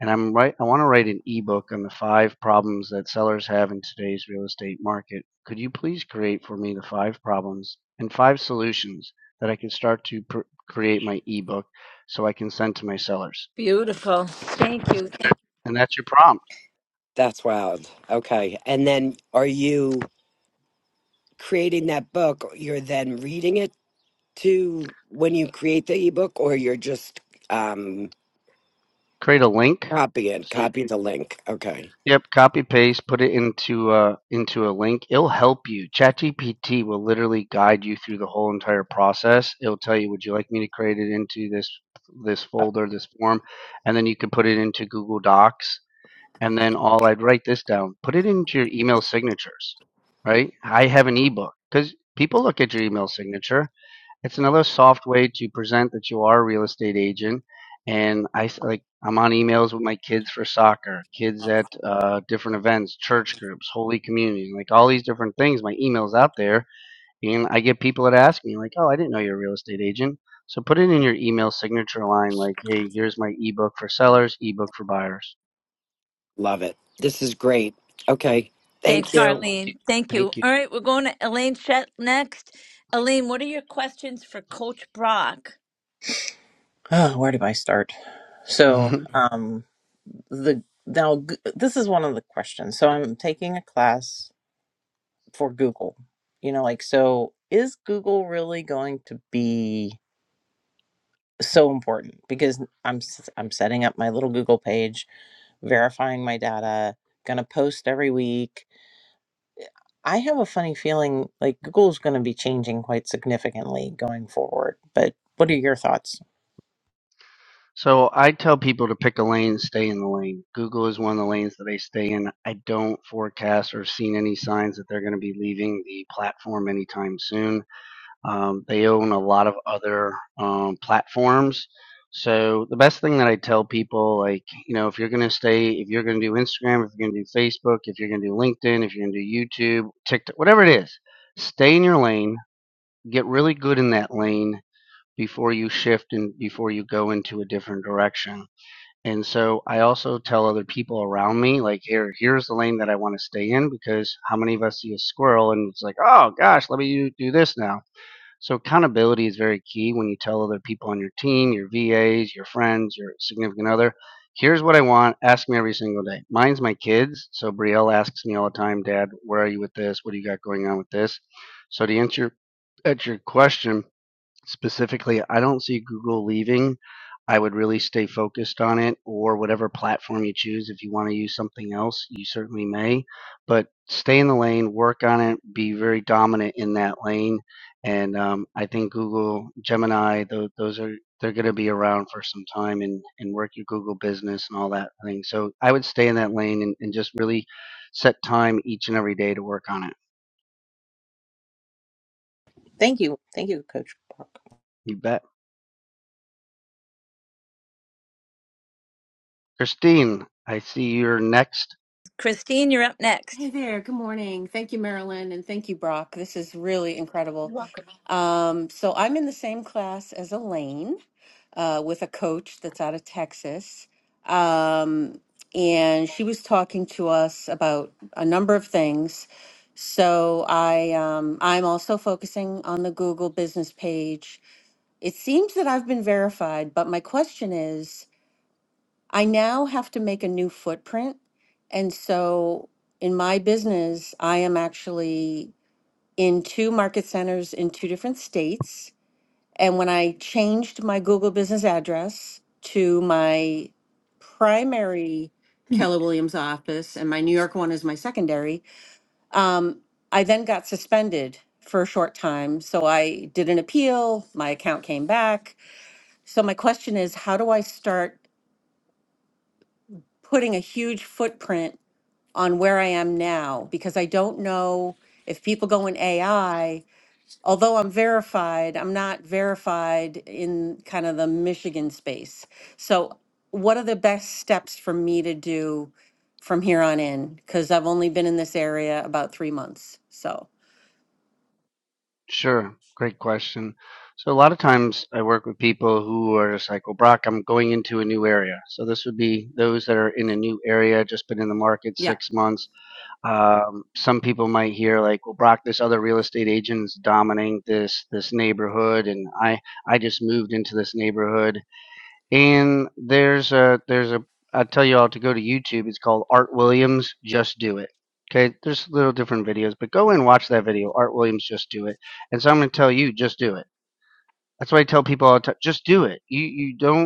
Speaker 6: and I'm right. I want to write an ebook on the five problems that sellers have in today's real estate market. Could you please create for me the five problems and five solutions that I can start to pr- create my ebook so I can send to my sellers?
Speaker 1: Beautiful. Thank you.
Speaker 6: And that's your prompt.
Speaker 7: That's wild. Okay. And then are you creating that book? You're then reading it to when you create the ebook or you're just um,
Speaker 6: Create a link.
Speaker 7: copying,
Speaker 6: So
Speaker 7: copying the link? Okay.
Speaker 6: Yep, copy paste, put it into uh into a link. It'll help you. ChatGPT will literally guide you through the whole entire process. It'll tell you, would you like me to create it into this this folder, this form, and then you can put it into Google Docs. And then all I'd write this down. Put it into your email signatures, right? I have an ebook because people look at your email signature. It's another soft way to present that you are a real estate agent. And I like I'm on emails with my kids for soccer, kids at uh, different events, church groups, holy communion, like all these different things. My emails out there, and I get people that ask me like, "Oh, I didn't know you're a real estate agent." So put it in your email signature line, like, "Hey, here's my ebook for sellers, ebook for buyers."
Speaker 7: Love it. This is great. Okay. Thank
Speaker 1: Thanks,
Speaker 7: you.
Speaker 6: Thank you.
Speaker 1: Arlene. Thank you.
Speaker 6: Thank
Speaker 1: All right, we're going to Elaine Chet next. Elaine, what are your questions for Coach Brock?
Speaker 3: Oh, where did I start? So,
Speaker 6: you. <laughs>
Speaker 3: um, the now g- this is one of the questions. So I'm taking a class for Google. You know, like so, is Google really going to be so important? Because I'm s- I'm setting up my little Google page, verifying my data, gonna post every week. I have a funny feeling like Google's going to be changing quite significantly going forward. But what are your thoughts?
Speaker 6: So I tell people to pick a lane, stay in the lane. Google is one of the lanes that they stay in. I don't forecast or seen any signs that they're going to be leaving the platform anytime soon. Um, they own a lot of other um, platforms. So the best thing that I tell people, like, you know, if you're going to stay, if you're going to do Instagram, if you're going to do Facebook, if you're going to do LinkedIn, if you're going to do YouTube, TikTok, whatever it is, stay in your lane, get really good in that lane before you shift and before you go into a different direction and so I also tell other people around me, like, here, here's the lane that I want to stay in because how many of us see a squirrel and it's like, oh gosh, let me do, this now. So accountability is very key when you tell other people on your team, your VAs, your friends, your significant other, here's what I want. Ask me every single day. Mine's my kids. So Brielle asks me all the time, Dad, where are you with this? What do you got going on with this? So to answer at your question, specifically, I don't see Google leaving. I would really stay focused on it or whatever platform you choose. If you want to use something else, you certainly may, but stay in the lane, work on it, be very dominant in that lane. And um, I think Google, Gemini, those, those are, they're going to be around for some time and, and work your Google business and all that thing. So I would stay in that lane and, and just really set time each and every day to work on it.
Speaker 3: Thank you, thank you, Coach.
Speaker 6: You bet. Christine, I see you're next
Speaker 1: Christine, you're up
Speaker 8: Hey
Speaker 1: next.
Speaker 8: there. Good morning. Thank you, Marilyn, and thank you, Brock. This is really incredible. Um, so I'm in the same class as Elaine uh, with a coach that's out of Texas. Um, and she was talking to us about a number of things. So I um, I'm also focusing on the Google business page. It seems that I've been verified, but my question is, I now have to make a new footprint. And so in my business, I am actually in two market centers in two different states. And when I changed my Google business address to my primary Keller Williams office, and my New York one is my secondary, um, I then got suspended for a short time. So I did an appeal, my account came back. So my question is, how do I start putting a huge footprint? on where I am now because I don't know if people go in AI, although I'm verified, I'm not verified in kind of the Michigan space. So, what are the best steps for me to do from here on in? Because I've only been in this area about three months. So,
Speaker 6: Sure. Great question. So a lot of times I work with people who are just like, well, Brock, I'm going into a new area. So this would be those that are in a new area, just been in the market
Speaker 8: yeah.
Speaker 6: six months. Um, some people might hear like, well, Brock, this other real estate agent is dominating this this neighborhood, and I I just moved into this neighborhood, and there's a there's a I tell you all to go to YouTube. It's called Art Williams Just Do It. Okay, there's little different videos, but go and watch that video. Art Williams Just Do It. And so I'm going to tell you, just do it. That's why I tell people all the time, just do it. You you don't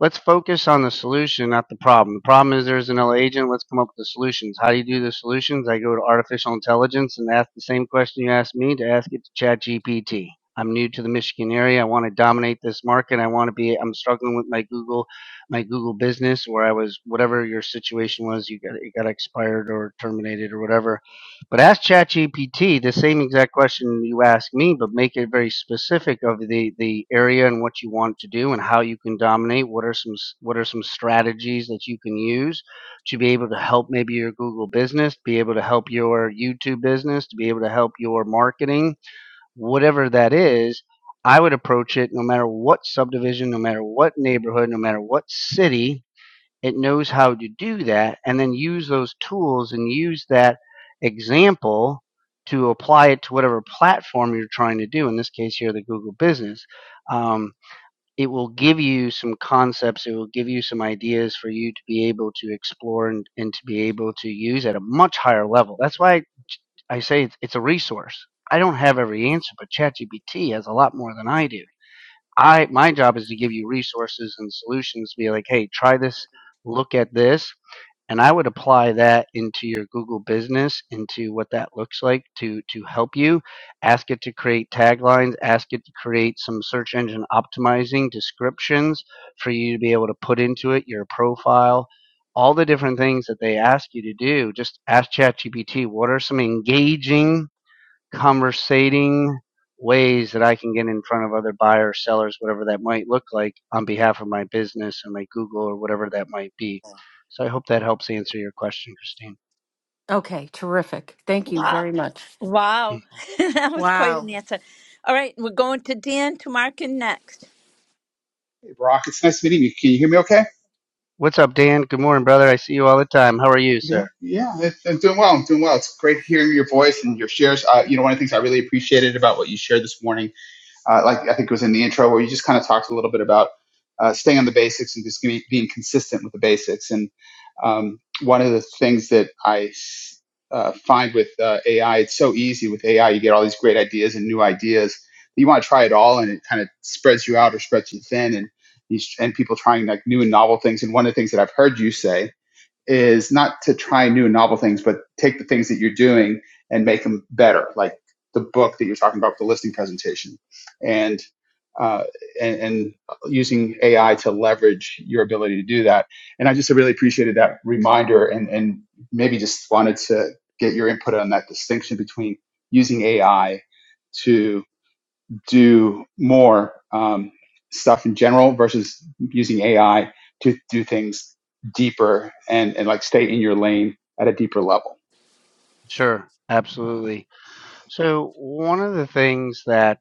Speaker 6: let's focus on the solution, not the problem. The problem is there's an L agent. Let's come up with the solutions. How do you do the solutions? I go to artificial intelligence and ask the same question you asked me to ask it to ChatGPT. I'm new to the Michigan area. I want to dominate this market. I want to be. I'm struggling with my Google, my Google business, where I was whatever your situation was. You got it got expired or terminated or whatever but ask ChatGPT the same exact question you ask me, but make it very specific of the, the area and what you want to do and how you can dominate. What are some what are some strategies that you can use to be able to help maybe your Google business, be able to help your YouTube business, to be able to help your marketing, whatever that is. I would approach it no matter what subdivision, no matter what neighborhood, no matter what city, it knows how to do that and then use those tools and use that example to apply it to whatever platform you're trying to do in this case here the google business um, it will give you some concepts it will give you some ideas for you to be able to explore and, and to be able to use at a much higher level that's why i I say it's, it's a resource i don't have every answer but chatgpt has a lot more than i do I my job is to give you resources and solutions be like, hey, try this, look at this. And I would apply that into your Google business, into what that looks like to to help you. Ask it to create taglines, ask it to create some search engine optimizing descriptions for you to be able to put into it your profile, all the different things that they ask you to do. Just ask ChatGPT, what are some engaging conversating ways that I can get in front of other buyers, sellers, whatever that might look like on behalf of my business and my Google or whatever that might be. So I hope that helps answer your question, Christine.
Speaker 8: Okay. Terrific. Thank you
Speaker 1: Wow.
Speaker 8: very much.
Speaker 6: Mm.
Speaker 1: Wow. <laughs> that was quite
Speaker 8: Wow.
Speaker 1: an answer. All right, we're going to Dan Tumarkin next.
Speaker 9: Hey, Brock, it's nice meeting you. Can you hear me okay?
Speaker 6: What's up, Dan? Good morning, brother. I see you all the time. How are you,
Speaker 9: Yeah,
Speaker 6: sir?
Speaker 9: yeah, it's- I'm doing well. I'm doing well. It's great hearing your voice and your shares. Uh, you know, one of the things I really appreciated about what you shared this morning uh, like I think it was in the intro, where you just kind of talked a little bit about uh, staying on the basics and just being, being consistent with the basics. And um, one of the things that I uh, find with uh, AI, it's so easy with AI, you get all these great ideas and new ideas. You want to try it all, and it kind of spreads you
Speaker 6: Mm.
Speaker 9: out or spreads you thin, and these and people trying like new and novel things. And one of the things that I've heard you say is not to try new novel things, but take the things that you're doing and make them better, like the book that you're talking about, the listing presentation, and uh, and, and using AI to leverage your ability to do that. And I just really appreciated that reminder, and and maybe just wanted to get your input on that distinction between using AI to do more um, stuff in general versus using AI to do things deeper and, and like stay in your lane at a deeper level.
Speaker 6: Sure. Absolutely. So one of the things that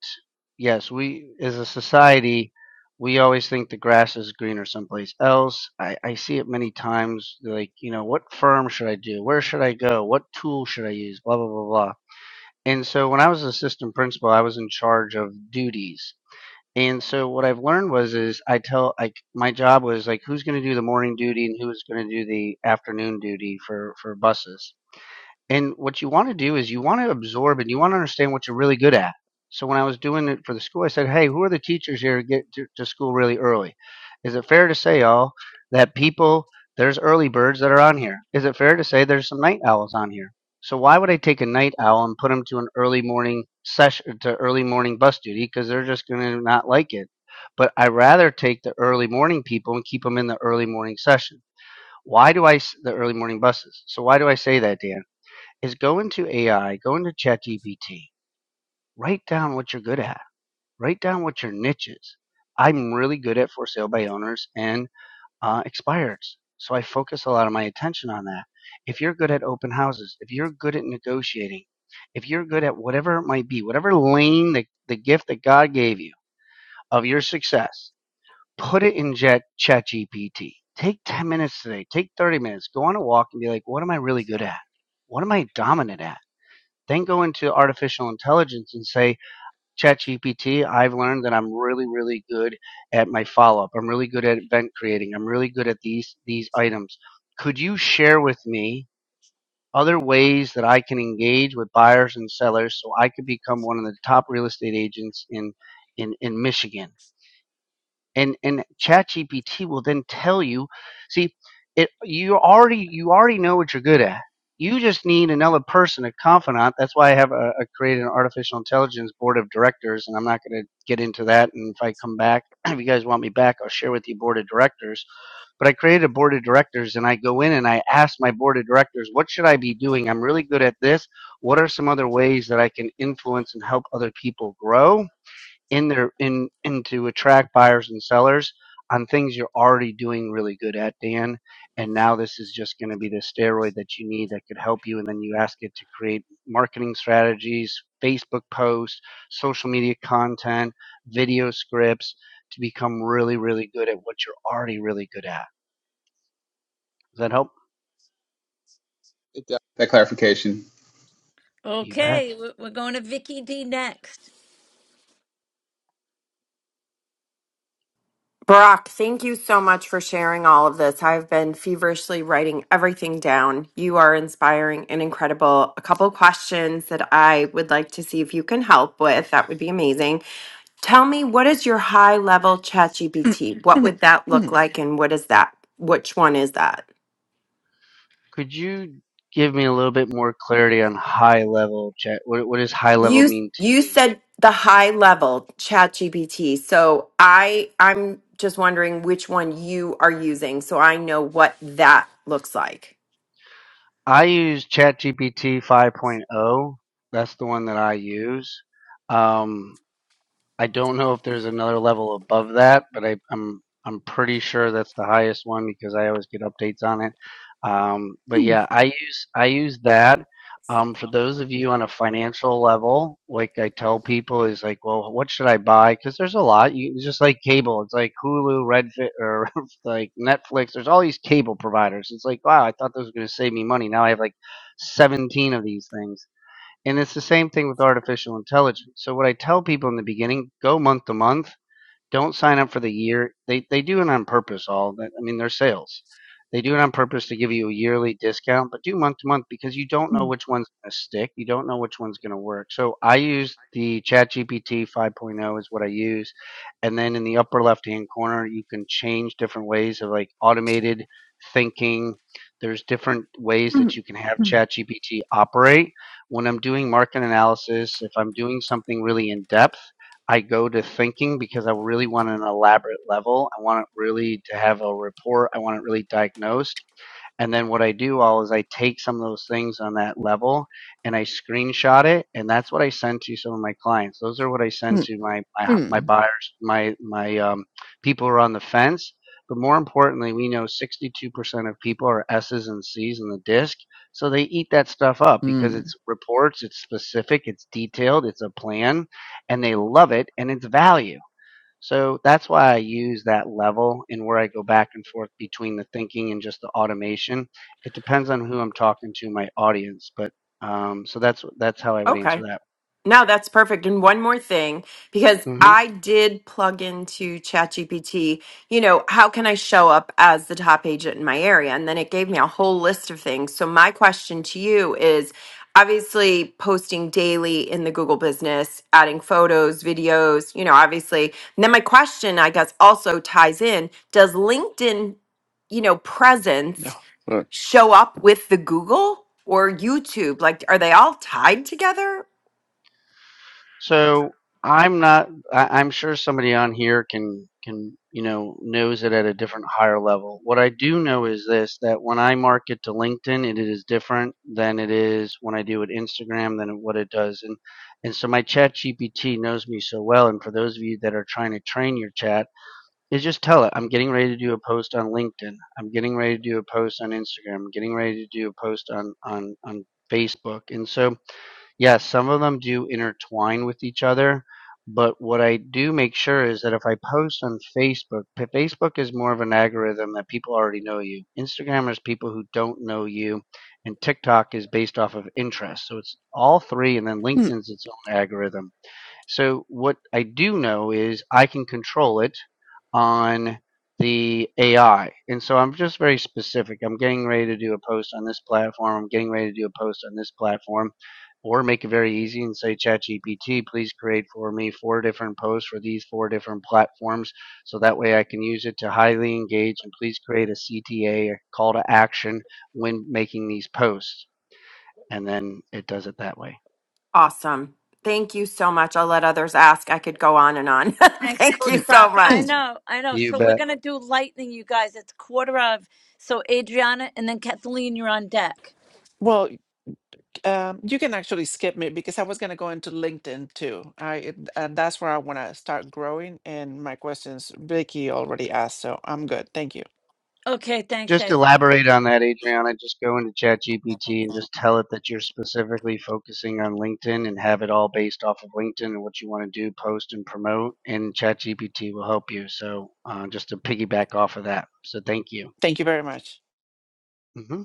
Speaker 6: yes, we as a society, we always think the grass is greener someplace else. I, I see it many times, like, you know, what firm should I do? Where should I go? What tool should I use? Blah blah blah blah. And so when I was assistant principal, I was in charge of duties. And so what I've learned was is I tell like my job was like who's going to do the morning duty and who's going to do the afternoon duty for for buses and what you want to do is you want to absorb and you want to understand what you're really good at. So when I was doing it for the school, I said, "Hey, who are the teachers here to get to, to school really early? Is it fair to say, all that people there's early birds that are on here? Is it fair to say there's some night owls on here? So why would I take a night owl and put them to an early morning session to early morning bus duty because they're just going to not like it? But I rather take the early morning people and keep them in the early morning session. Why do I the early morning buses? So why do I say that, Dan? is go into AI, go into ChatGPT, write down what you're good at, write down what your niche is. I'm really good at for sale by owners and uh, expires. So I focus a lot of my attention on that. If you're good at open houses, if you're good at negotiating, if you're good at whatever it might be, whatever lane, the, the gift that God gave you of your success, put it in Jet, ChatGPT. Take 10 minutes today, take 30 minutes, go on a walk and be like, what am I really good at? What am I dominant at? Then go into artificial intelligence and say, ChatGPT, I've learned that I'm really, really good at my follow up. I'm really good at event creating. I'm really good at these these items. Could you share with me other ways that I can engage with buyers and sellers so I could become one of the top real estate agents in in, in Michigan? and and ChatGPT will then tell you. See, it you already you already know what you're good at. You just need another person, a confidant. That's why I have a, a created an artificial intelligence board of directors, and I'm not going to get into that. And if I come back, <clears throat> if you guys want me back, I'll share with you board of directors. But I created a board of directors, and I go in and I ask my board of directors, what should I be doing? I'm really good at this. What are some other ways that I can influence and help other people grow? in their in and to attract buyers and sellers on things you're already doing really good at dan and now this is just going to be the steroid that you need that could help you and then you ask it to create marketing strategies facebook posts social media content video scripts to become really really good at what you're already really good at does that help
Speaker 9: That clarification
Speaker 6: you bet
Speaker 1: Okay, we- we're going to Vicky D next.
Speaker 10: Brock, thank you so much for sharing all of this. I've been feverishly writing everything down. You are inspiring and incredible. A couple questions that I would like to see if you can help with. That would be amazing. Tell me, what is your high level ChatGPT? What would that look like, and what is that? Which one is that?
Speaker 6: could you give me a little bit more clarity on high level chat what, what does high level
Speaker 10: You
Speaker 6: mean to
Speaker 10: you
Speaker 6: you
Speaker 10: said the high level ChatGPT. So I I'm just wondering which one you are using, so I know what that looks like.
Speaker 6: I use ChatGPT 5.0. That's the one that I use. Um, I don't know if there's another level above that, but I, I'm I'm pretty sure that's the highest one because I always get updates on it. Um, but yeah, I use I use that. Um, for those of you on a financial level, like I tell people, is like, well, what should I buy? Because there's a lot. You it's just like cable. It's like Hulu, Redfin, or <laughs> like Netflix. There's all these cable providers. It's like, wow, I thought this was going to save me money. Now I have like 17 of these things and it's the same thing with artificial intelligence. So what I tell people in the beginning, go month to month, don't sign up for the year. They they do it on purpose. All that I mean, they're sales. They do it on purpose to give you a yearly discount, but do month to month because you don't know which one's going to stick. You don't know which one's going to work. So I use the ChatGPT 5.0 is what I use, and then in the upper left hand corner you can change different ways of like automated thinking. There's different ways that you can have ChatGPT operate when I'm doing market analysis, if I'm doing something really in depth, I go to thinking because I really want an elaborate level. I want it really to have a report. I want it really diagnosed. And then what I do all is I take some of those things on that level and I screenshot it, and that's what I send to some of my clients. Those are what I send
Speaker 11: Mm,
Speaker 6: to my my, my
Speaker 11: mm,
Speaker 6: buyers, my my um, people who are on the fence. But more importantly, we know 62% of people are S's and C's in the disc, so they eat that stuff up because
Speaker 11: mm.
Speaker 6: it's reports, it's specific, it's detailed, it's a plan, and they love it, and it's value. So that's why I use that level and where I go back and forth between the thinking and just the automation. It depends on who I'm talking to, my audience, but um, so that's that's how I would answer that.
Speaker 10: No, that's perfect. And one more thing, because
Speaker 6: hmm
Speaker 10: I did plug into ChatGPT, you know, how can I show up as the top agent in my area? And then it gave me a whole list of things. So, my question to you is obviously posting daily in the Google business, adding photos, videos, you know, obviously. And then my question, I guess, also ties in does LinkedIn, you know,
Speaker 11: No.
Speaker 10: presence
Speaker 11: But
Speaker 10: show up with the Google? Or YouTube, like, are they all tied together?
Speaker 6: So I'm not. I, I'm sure somebody on here can can you know knows it at a different higher level. What I do know is this: that when I market to LinkedIn, it is different than it is when I do it Instagram than what it does. And and so my Chat GPT knows me so well. And for those of you that are trying to train your chat, is just tell it I'm getting ready to do a post on LinkedIn. I'm getting ready to do a post on Instagram. I'm getting ready to do a post on on on Facebook. And so Yes, some of them do intertwine with each other, but what I do make sure is that if I post on Facebook, p- Facebook is more of an algorithm that people already know you. Instagram is people who don't know you, and TikTok is based off of interest. So it's all three, and then
Speaker 11: Mm,
Speaker 6: LinkedIn's its own algorithm. So what I do know is I can control it on the AI. And so I'm just very specific. I'm getting ready to do a post on this platform. I'm getting ready to do a post on this platform. Or make it very easy and say, ChatGPT, please create for me four different posts for these four different platforms. So that way I can use it to highly engage and please create a CTA, a a call to action when making these posts. And then it does it that way.
Speaker 10: Awesome. Thank you so much. I'll let others ask. I could go on and on. <laughs>
Speaker 1: Thanks,
Speaker 10: Thank you
Speaker 11: mm,
Speaker 1: Coach
Speaker 10: so
Speaker 1: Brock. I
Speaker 10: much.
Speaker 11: mm.
Speaker 1: know, I know.
Speaker 6: You
Speaker 1: So we're
Speaker 6: bet.
Speaker 1: going to do lightning, you guys. It's quarter of. So Adriana and then Kathleen, you're on deck.
Speaker 11: Well, um, you can actually skip me because I was going to go into LinkedIn too. I it- and that's where I want to start growing. And my questions, Vicky already asked, so I'm good. Thank you.
Speaker 1: Okay, thanks, Ed.
Speaker 6: Just elaborate on that, Adriana. Just go into ChatGPT and just tell it that you're specifically focusing on LinkedIn and have it all based off of LinkedIn and what you want to do, post and promote. And ChatGPT will help you. So uh, just to piggyback off of that. So thank you.
Speaker 11: Thank you very much.
Speaker 6: hmm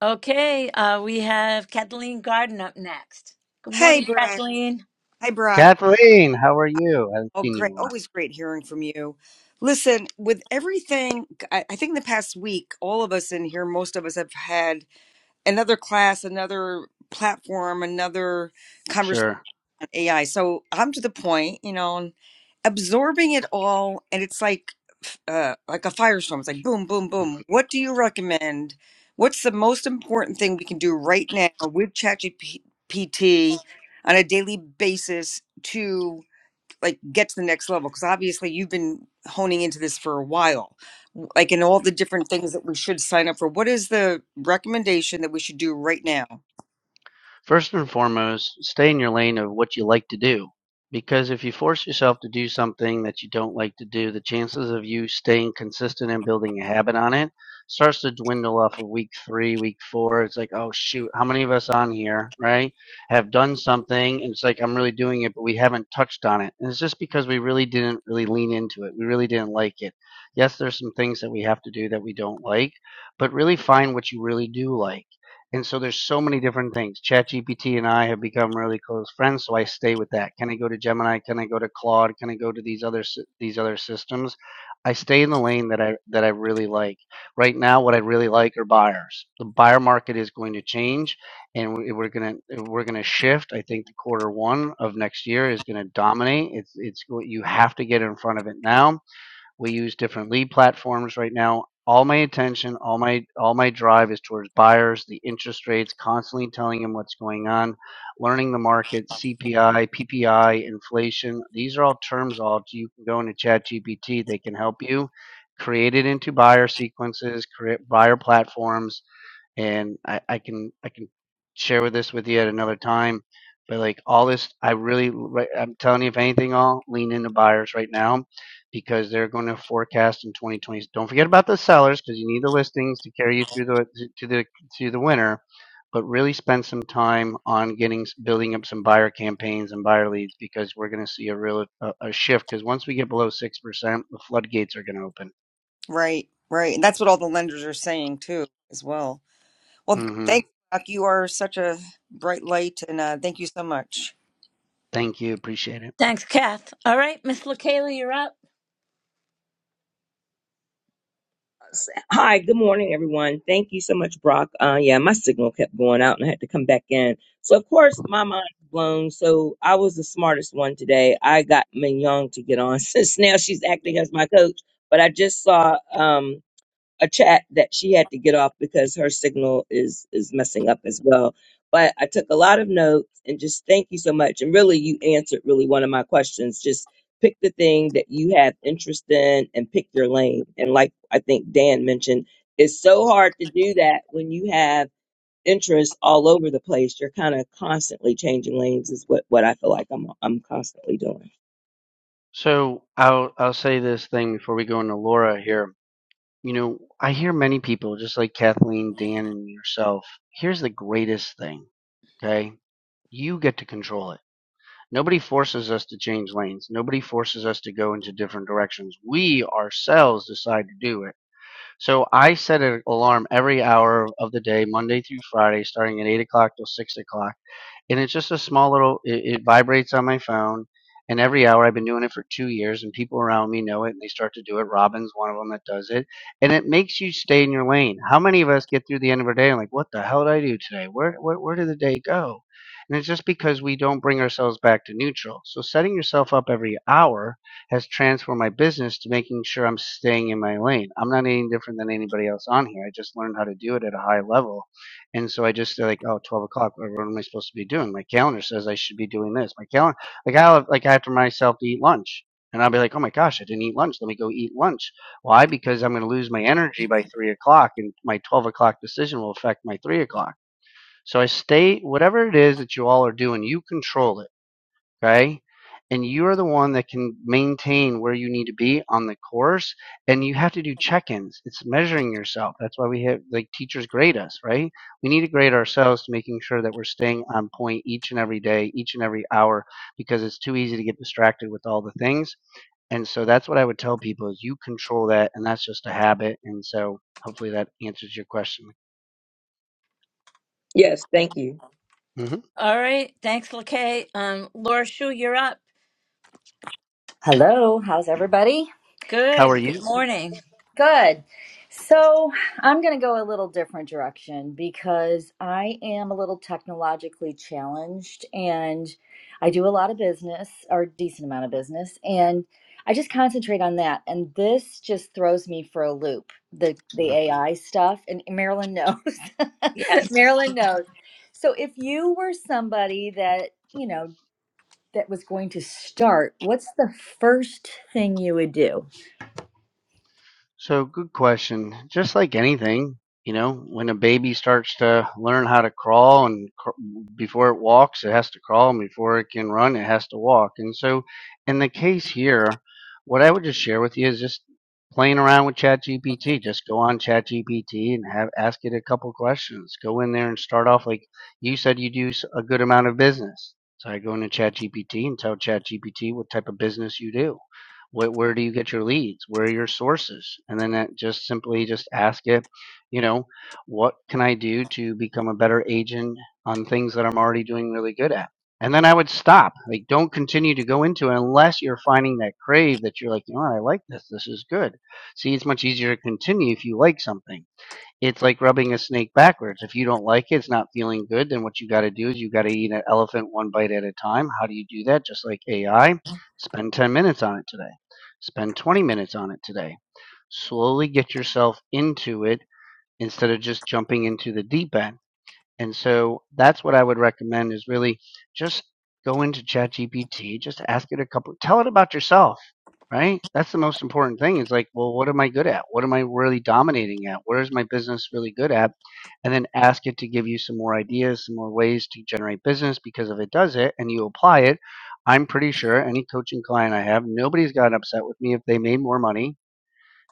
Speaker 1: Okay, uh, we have Kathleen Garden up next. Good
Speaker 12: Hey,
Speaker 1: morning,
Speaker 12: Brock.
Speaker 1: Kathleen.
Speaker 12: Hey, Brock.
Speaker 6: Kathleen, how are you? I haven't
Speaker 12: Oh,
Speaker 6: seen you in
Speaker 12: great.
Speaker 6: a while.
Speaker 12: Always great hearing from you. Listen, with everything, I I think the past week, all of us in here, most of us have had another class, another platform, another conversation
Speaker 6: Sure.
Speaker 12: on AI. So I'm to the point, you know, and absorbing it all. And it's like, uh, like a firestorm. It's like boom, boom, boom. What do you recommend? What's the most important thing we can do right now with ChatGPT on a daily basis to? like get to the next level because obviously you've been honing into this for a while w- like in all the different things that we should sign up for what is the recommendation that we should do right now
Speaker 6: First and foremost, stay in your lane of what you like to do. Because if you force yourself to do something that you don't like to do, the chances of you staying consistent and building a habit on it starts to dwindle off of week three, week four. It's like, oh, shoot, how many of us on here, right, have done something? And it's like, I'm really doing it, but we haven't touched on it. And it's just because we really didn't really lean into it. We really didn't like it. Yes, there's some things that we have to do that we don't like, but really find what you really do like and so there's so many different things. ChatGPT and I have become really close friends, so I stay with that. Can I go to Gemini? Can I go to Claude? Can I go to these other these other systems? I stay in the lane that I that I really like. Right now, what I really like are buyers. The buyer market is going to change, and we- are gonna we're gonna shift. I think the quarter one of next year is gonna dominate. It's it's go- you have to get in front of it now we use different lead platforms right now. All my attention, all my all my drive is towards buyers, the interest rates, constantly telling them what's going on, learning the market, CPI, PPI, inflation. These are all terms all you can go into ChatGPT, they can help you create it into buyer sequences, create buyer platforms and I, I can I can share with this with you at another time. But like all this, I really right- I'm telling you, if anything, I'll lean into buyers right now because they're going to forecast in 2020. Don't forget about the sellers because you need the listings to carry you through the to the to the winter. But really spend some time on getting building up some buyer campaigns and buyer leads because we're going to see a real a, a shift because once we get below six percent, the floodgates are going to open.
Speaker 12: right right and that's what all the lenders are saying too as well well
Speaker 6: mm hmm
Speaker 12: thank you Doc. you are such a bright light and uh, thank you so much
Speaker 6: Thank you, appreciate it.
Speaker 1: Thanks, Kath. All right, Miss LaKayla, you're up.
Speaker 5: Hi, good morning, everyone. Thank you so much, Brock. Uh, yeah, my signal kept going out and I had to come back in. So, of course, my mind was blown. So, I was the smartest one today. I got Mignon to get on <laughs> since now she's acting as my coach. But I just saw. Um, a chat that she had to get off because her signal is is messing up as well. But I took a lot of notes and just thank you so much. And really, you answered really one of my questions. Just pick the thing that you have interest in and pick your lane. And like I think Dan mentioned, it's so hard to do that when you have interests all over the place. You're kind of constantly changing lanes. Is what what I feel like I'm I'm constantly doing.
Speaker 6: So I'll I'll say this thing before we go into Laura here. You know, I hear many people, just like Kathleen, Dan, and yourself. Here's the greatest thing, okay? You get to control it. Nobody forces us to change lanes. Nobody forces us to go into different directions. We ourselves decide to do it. So I set an alarm every hour of the day, Monday through Friday, starting at eight o'clock till six o'clock and it's just a small little it, it vibrates on my phone and every hour i've been doing it for two years and people around me know it and they start to do it robin's one of them that does it and it makes you stay in your lane how many of us get through the end of our day and like what the hell did i do today where, where where did the day go and it's just because we don't bring ourselves back to neutral so setting yourself up every hour has transformed my business to making sure i'm staying in my lane i'm not any different than anybody else on here i just learned how to do it at a high level and so I just like, oh 12 o'clock. What am I supposed to be doing? My calendar says I should be doing this. My calendar, like I will like I have to remind myself to eat lunch, and I'll be like, oh my gosh, I didn't eat lunch. Let me go eat lunch. Why? Because I'm going to lose my energy by three o'clock, and my 12 o'clock decision will affect my three o'clock. So I stay whatever it is that you all are doing, you control it okay? And you are the one that can maintain where you need to be on the course, and you have to do check-ins. It's measuring yourself. That's why we have like teachers grade us, right? We need to grade ourselves to making sure that we're staying on point each and every day, each and every hour, because it's too easy to get distracted with all the things. And so that's what I would tell people is you control that, and that's just a habit. And so hopefully that answers your question.
Speaker 5: Yes, thank you.
Speaker 6: hmm
Speaker 1: All right, thanks, LaKay. Um, Laura Shu, you're up.
Speaker 13: Hello, how's everybody?
Speaker 6: How are
Speaker 1: Good. Good
Speaker 6: you?
Speaker 1: morning.
Speaker 13: Good. So, I'm going to go a little different direction because I am a little technologically challenged and I do a lot of business or a decent amount of business and I just concentrate on that and this just throws me for a loop. The the
Speaker 6: Mm-hmm.
Speaker 13: AI stuff and Marilyn knows. <laughs>
Speaker 1: Yes.
Speaker 13: Marilyn knows. So, if you were somebody that, you know, that was going to start, what's the first thing you would do?
Speaker 6: So, good question. Just like anything, you know, when a baby starts to learn how to crawl and cr- before it walks, it has to crawl, and before it can run, it has to walk. And so, in the case here, what I would just share with you is just playing around with ChatGPT. Just go on ChatGPT and have ask it a couple questions. Go in there and start off like you said you do s- a good amount of business. So I go into ChatGPT and tell ChatGPT what type of business you do where, where do you get your leads where are your sources and then that just simply just ask it you know what can i do to become a better agent on things that i'm already doing really good at and then i would stop like don't continue to go into it unless you're finding that crave that you're like you know what, i like this this is good see it's much easier to continue if you like something it's like rubbing a snake backwards. If you don't like it, it's not feeling good, then what you got to do is you got to eat an elephant one bite at a time. How do you do that? Just like AI, spend 10 minutes on it today, spend 20 minutes on it today. Slowly get yourself into it instead of just jumping into the deep end and so that's what I would recommend is really just go into ChatGPT, just ask it a couple, tell it about yourself, right? That's the most important thing. It's like, well, what am I good at? What am I really dominating at? Where is my business really good at? And then ask it to give you some more ideas, some more ways to generate business because if it does it and you apply it, I'm pretty sure any coaching client I have, nobody's gotten upset with me if they made more money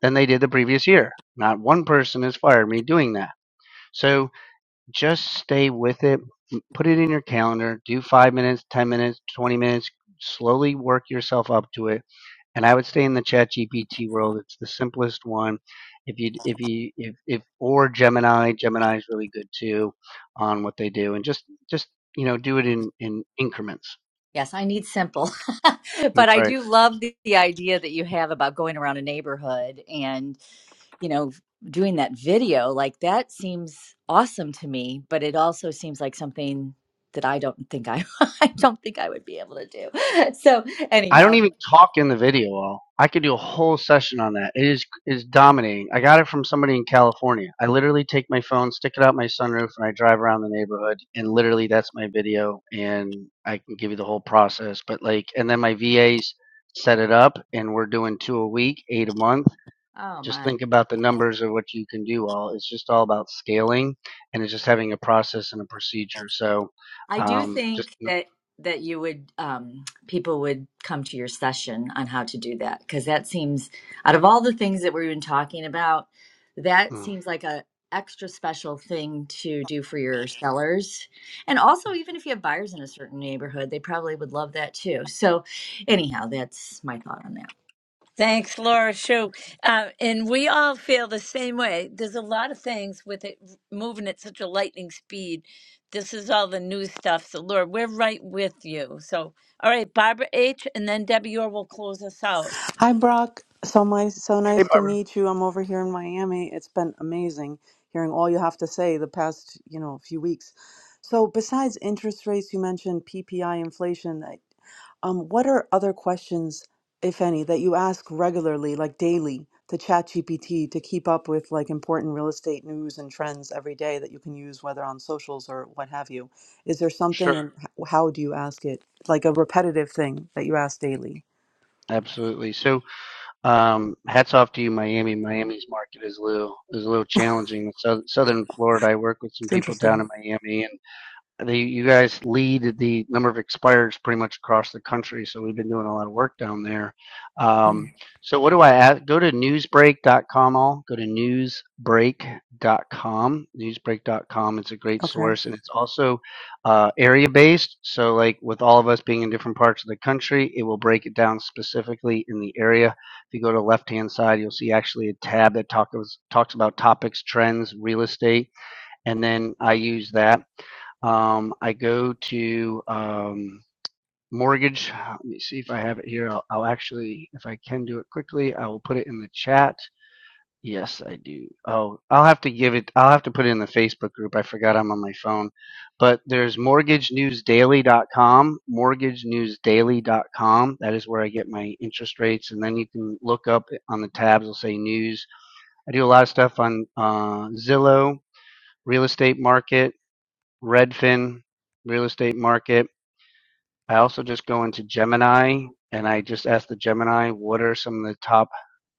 Speaker 6: than they did the previous year. Not one person has fired me doing that. So, just stay with it. Put it in your calendar. Do five minutes, 10 minutes, 20 minutes. Slowly work yourself up to it. And I would stay in the chat GPT world. It's the simplest one. If you, if you, if, if, or Gemini, Gemini is really good too on what they do and just, just, you know, do it in, in increments.
Speaker 13: Yes, I need simple. <laughs> But I
Speaker 6: Right.
Speaker 13: do love the, the idea that you have about going around a neighborhood and, you know, doing that video. Like that seems awesome to me, but it also seems like something that I don't think I <laughs> I don't think I would be able to do. <laughs> So
Speaker 6: I don't
Speaker 13: anyhow,
Speaker 6: even talk in the video. Al. I could do a whole session on that. It is is dominating. I got it from somebody in California. I literally take my phone, stick it out my sunroof, and I drive around the neighborhood. And literally, that's my video, and I can give you the whole process. But like, and then my VAs set it up, and we're doing two a week, eight a month.
Speaker 13: oh
Speaker 6: Just
Speaker 13: my.
Speaker 6: think about the numbers of what you can do. All it's just all about scaling, and it's just having a process and a procedure. So,
Speaker 13: I do
Speaker 6: um, just
Speaker 13: think
Speaker 6: mm.
Speaker 13: that that you would um, people would come to your session on how to do that because that seems out of all the things that we've been talking about, that
Speaker 6: mm,
Speaker 13: seems like a extra special thing to do for your sellers and also
Speaker 6: mm.
Speaker 13: even if you have buyers in a certain neighborhood they probably would love that too so anyhow that's my thought on that
Speaker 1: Thanks, Laura Shu. Uh, and we all feel the same way. There's a lot of things with it moving at such a lightning speed. This is all the new stuff. So, Laura, we're right with you. So, all right, Barbara H. and then Debbie Orr will close us out.
Speaker 14: Hi, Brock. So my so nice
Speaker 6: hey,
Speaker 14: to
Speaker 6: Barbara.
Speaker 14: meet you. I'm over here in Miami. It's been amazing hearing all you have to say the past, you know, few weeks. So besides interest rates, you mentioned PPI inflation. I- Um, what are other questions, if any, that you ask regularly, like daily, to ChatGPT to keep up with like important real estate news and trends every day that you can use, whether on socials or what have you? Is there something,
Speaker 6: Sure,
Speaker 14: and h- how do you ask it? Like a repetitive thing that you ask daily?
Speaker 6: absolutely. So, Um, hats off to you, Miami. Miami's market is a little is a little challenging. So, Southern Florida, I work with some
Speaker 14: It's
Speaker 6: people down
Speaker 14: interesting.
Speaker 6: in Miami, and the, you guys lead the number of expires pretty much across the country, so we've been doing a lot of work down there. Um, so what do I add? Go to newsbreak.com all. Go to newsbreak.com. Newsbreak.com is a great
Speaker 14: Okay.
Speaker 6: source, and it's also uh, area-based. So like with all of us being in different parts of the country, it will break it down specifically in the area. If you go to the left-hand side, you'll see actually a tab that talks talks about topics, trends, real estate and then I use that. Um, I go to um, mortgage. Let me see if I have it here. I'll, I'll actually, if I can do it quickly, I will put it in the chat. Yes, I do. Oh, I'll have to give it, I'll have to put it in the Facebook group. I forgot I'm on my phone. But there's mortgagenewsdaily.com, mortgagenewsdaily.com. That is where I get my interest rates. And then you can look up on the tabs, it'll say news. I do a lot of stuff on uh, Zillow, real estate market Redfin, real estate market. I also just go into Gemini and I just ask the Gemini what are some of the top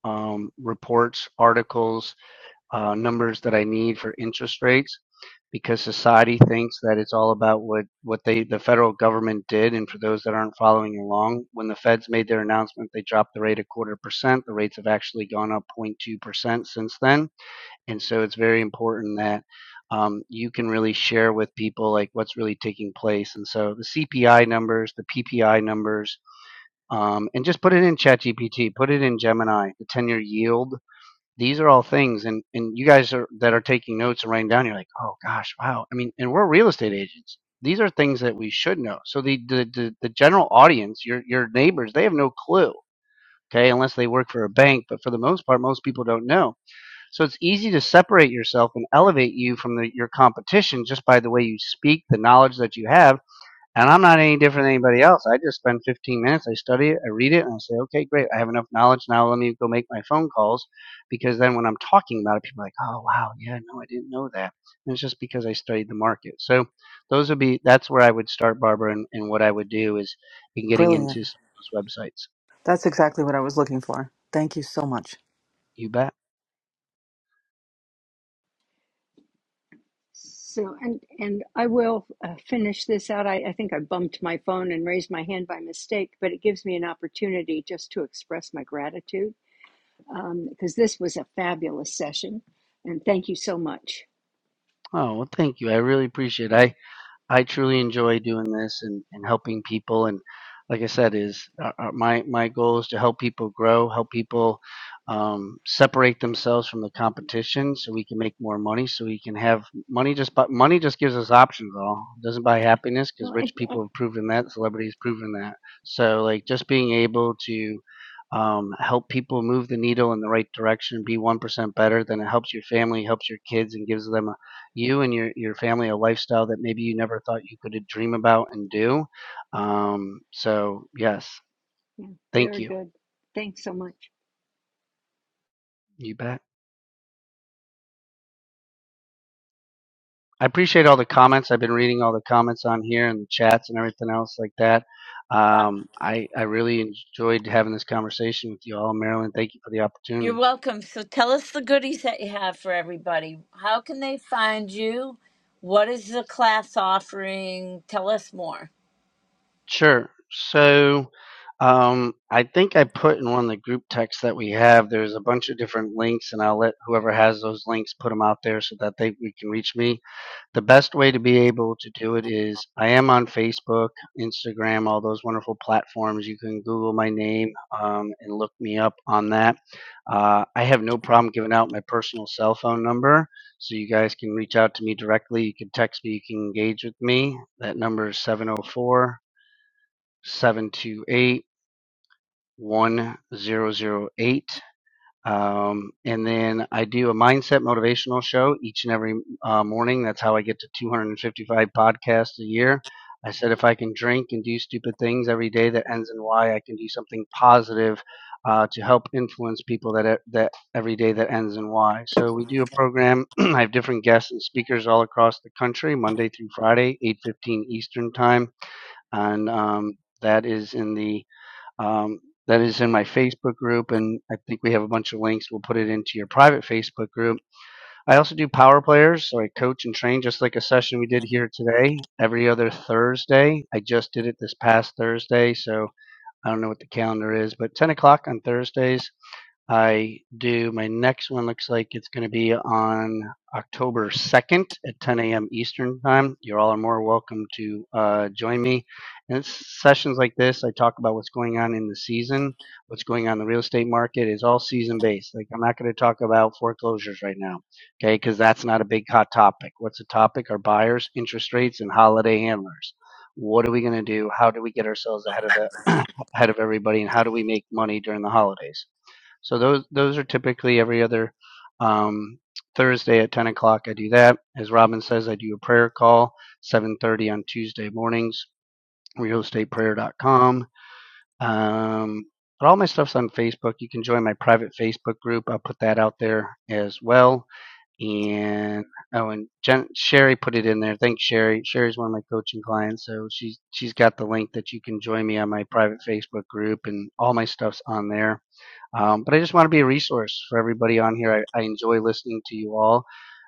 Speaker 6: um, reports, articles, uh, numbers that I need for interest rates because society thinks that it's all about what, what they the federal government did. And for those that aren't following along, when the feds made their announcement, they dropped the rate a quarter percent. The rates have actually gone up 0.2% since then and so it's very important that um, you can really share with people like what's really taking place. And so the CPI numbers, the PPI numbers, um, and just put it in ChatGPT, put it in Gemini, the 10 year yield. These are all things. And, and you guys are, that are taking notes and writing down, you're like, oh gosh, wow. I mean, and we're real estate agents. These are things that we should know. So the, the, the, the general audience, your, your neighbors, they have no clue. Okay, unless they work for a bank, but for the most part, most people don't know. So it's easy to separate yourself and elevate you from the, your competition just by the way you speak, the knowledge that you have. And I'm not any different than anybody else. I just spend 15 minutes, I study it, I read it, and I say, okay, great, I have enough knowledge. Now let me go make my phone calls. Because then when I'm talking about it, people are like, oh, wow, yeah, no, I didn't know that. And it's just because I studied the market. So those would be, that's where I would start, Barbara, and, and what I would do is in getting
Speaker 14: Brilliant.
Speaker 6: into some of those websites.
Speaker 14: That's exactly what I was looking for. Thank you so much.
Speaker 6: You bet.
Speaker 15: So, and and I will uh, finish this out. I, I think I bumped my phone and raised my hand by mistake, but it gives me an opportunity just to express my gratitude Um, because this was a fabulous session, and thank you so much.
Speaker 6: Oh, well, thank you. I really appreciate it. I,
Speaker 15: Yeah.
Speaker 6: I truly enjoy doing this and, and helping people. And like I said, is uh, uh, my my goal is to help people grow, help people um, separate themselves from the competition, so we can make more money, so we can have money. Just bu- money just gives us options. All it doesn't buy happiness because
Speaker 15: Well, and,
Speaker 6: rich people
Speaker 15: and-
Speaker 6: have proven that, celebrities proven that. So like just being able to um, help people move the needle in the right direction, be one percent better, then it helps your family, helps your kids, and gives them you and your your family a lifestyle that maybe you never thought you could dream about and do. Um, so yes,
Speaker 15: yeah,
Speaker 6: thank
Speaker 15: very
Speaker 6: you.
Speaker 15: good. Thanks so much.
Speaker 6: You bet. I appreciate all the comments. I've been reading all the comments on here and the chats and everything else like that. Um, I I really enjoyed having this conversation with you all, Marilyn. Thank you for the opportunity.
Speaker 1: You're welcome. So tell us the goodies that you have for everybody. How can they find you? What is the class offering? Tell us more.
Speaker 6: Sure. So, um, I think I put in one of the group texts that we have. There's a bunch of different links, and I'll let whoever has those links put them out there so that they we can reach me. The best way to be able to do it is I am on Facebook, Instagram, all those wonderful platforms. You can Google my name um, and look me up on that. Uh, I have no problem giving out my personal cell phone number, so you guys can reach out to me directly. You can text me, you can engage with me. That number is 704- seven two eight one zero zero eight. Um, and then I do a mindset motivational show each and every uh, morning. That's how I get to 255 podcasts a year. I said if I can drink and do stupid things every day that ends in Y, I can do something positive uh, to help influence people that that every day that ends in Y. So we do a program. <clears throat> I have different guests and speakers all across the country, Monday through Friday, 8:15 Eastern time, and um, that is in the um, that is in my Facebook group, and I think we have a bunch of links. We'll put it into your private Facebook group. I also do power players, so I coach and train just like a session we did here today. Every other Thursday, I just did it this past Thursday, so I don't know what the calendar is, but 10 o'clock on Thursdays. I do. My next one looks like it's going to be on October 2nd at 10 a.m. Eastern Time. You all are more welcome to uh, join me. And it's sessions like this, I talk about what's going on in the season, what's going on in the real estate market is all season based. Like, I'm not going to talk about foreclosures right now, okay, because that's not a big hot topic. What's a topic are buyers, interest rates, and holiday handlers. What are we going to do? How do we get ourselves ahead of the <clears throat> ahead of everybody, and how do we make money during the holidays? So those those are typically every other um, Thursday at 10 o'clock. I do that. As Robin says, I do a prayer call 7:30 on Tuesday mornings. RealestatePrayer.com. Um, but all my stuff's on Facebook. You can join my private Facebook group. I'll put that out there as well. And oh, and Jen, Sherry put it in there. Thanks, Sherry. Sherry's one of my coaching clients, so she's she's got the link that you can join me on my private Facebook group, and all my stuff's on there. Um, but I just want to be a resource for everybody on here. I, I enjoy listening to you all,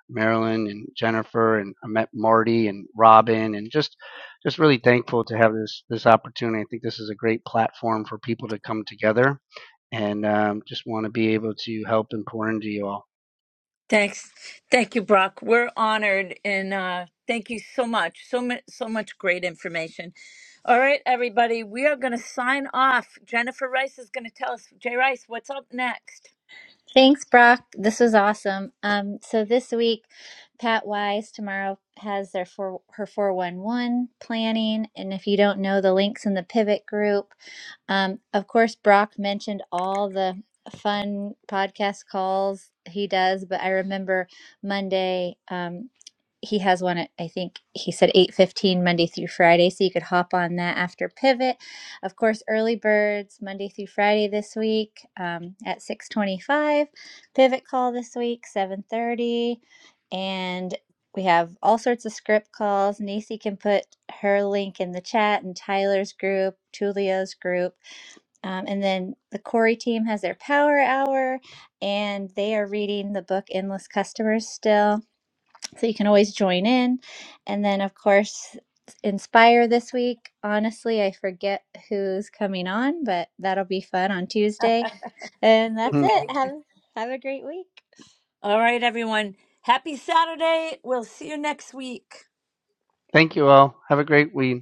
Speaker 6: Marilyn and Jennifer, and I met Marty and Robin, and just just really thankful to have this this opportunity. I think this is a great platform for people to come together, and um, just want to be able to help and pour into you all.
Speaker 1: Thanks. Thank you, Brock. We're honored and uh, thank you so much. So much so much great information. All right, everybody, we are going to sign off. Jennifer Rice is going to tell us, Jay Rice, what's up next?
Speaker 2: Thanks, Brock. This was awesome. Um, so this week, Pat Wise tomorrow has their four, her 411 planning. And if you don't know the links in the pivot group, um, of course, Brock mentioned all the fun podcast calls he does, but I remember Monday, um, he has one at, I think he said 8:15 Monday through Friday, so you could hop on that after pivot of course, early birds Monday through Friday this week um, at 6:25. Pivot call this week 7:30, and we have all sorts of script calls. Nisi can put her link in the chat and Tyler's group, Tulio's group, um, and then the Corey team has their Power Hour, and they are reading the book Endless Customers still so you can always join in. And then, of course, Inspire this week. Honestly, I forget who's coming on, but that'll be fun on Tuesday. And that's
Speaker 6: Mm.
Speaker 1: Okay.
Speaker 2: it. Have have a great week.
Speaker 1: All right, everyone. Happy Saturday. We'll see you next week.
Speaker 6: Thank you all. Have a great week.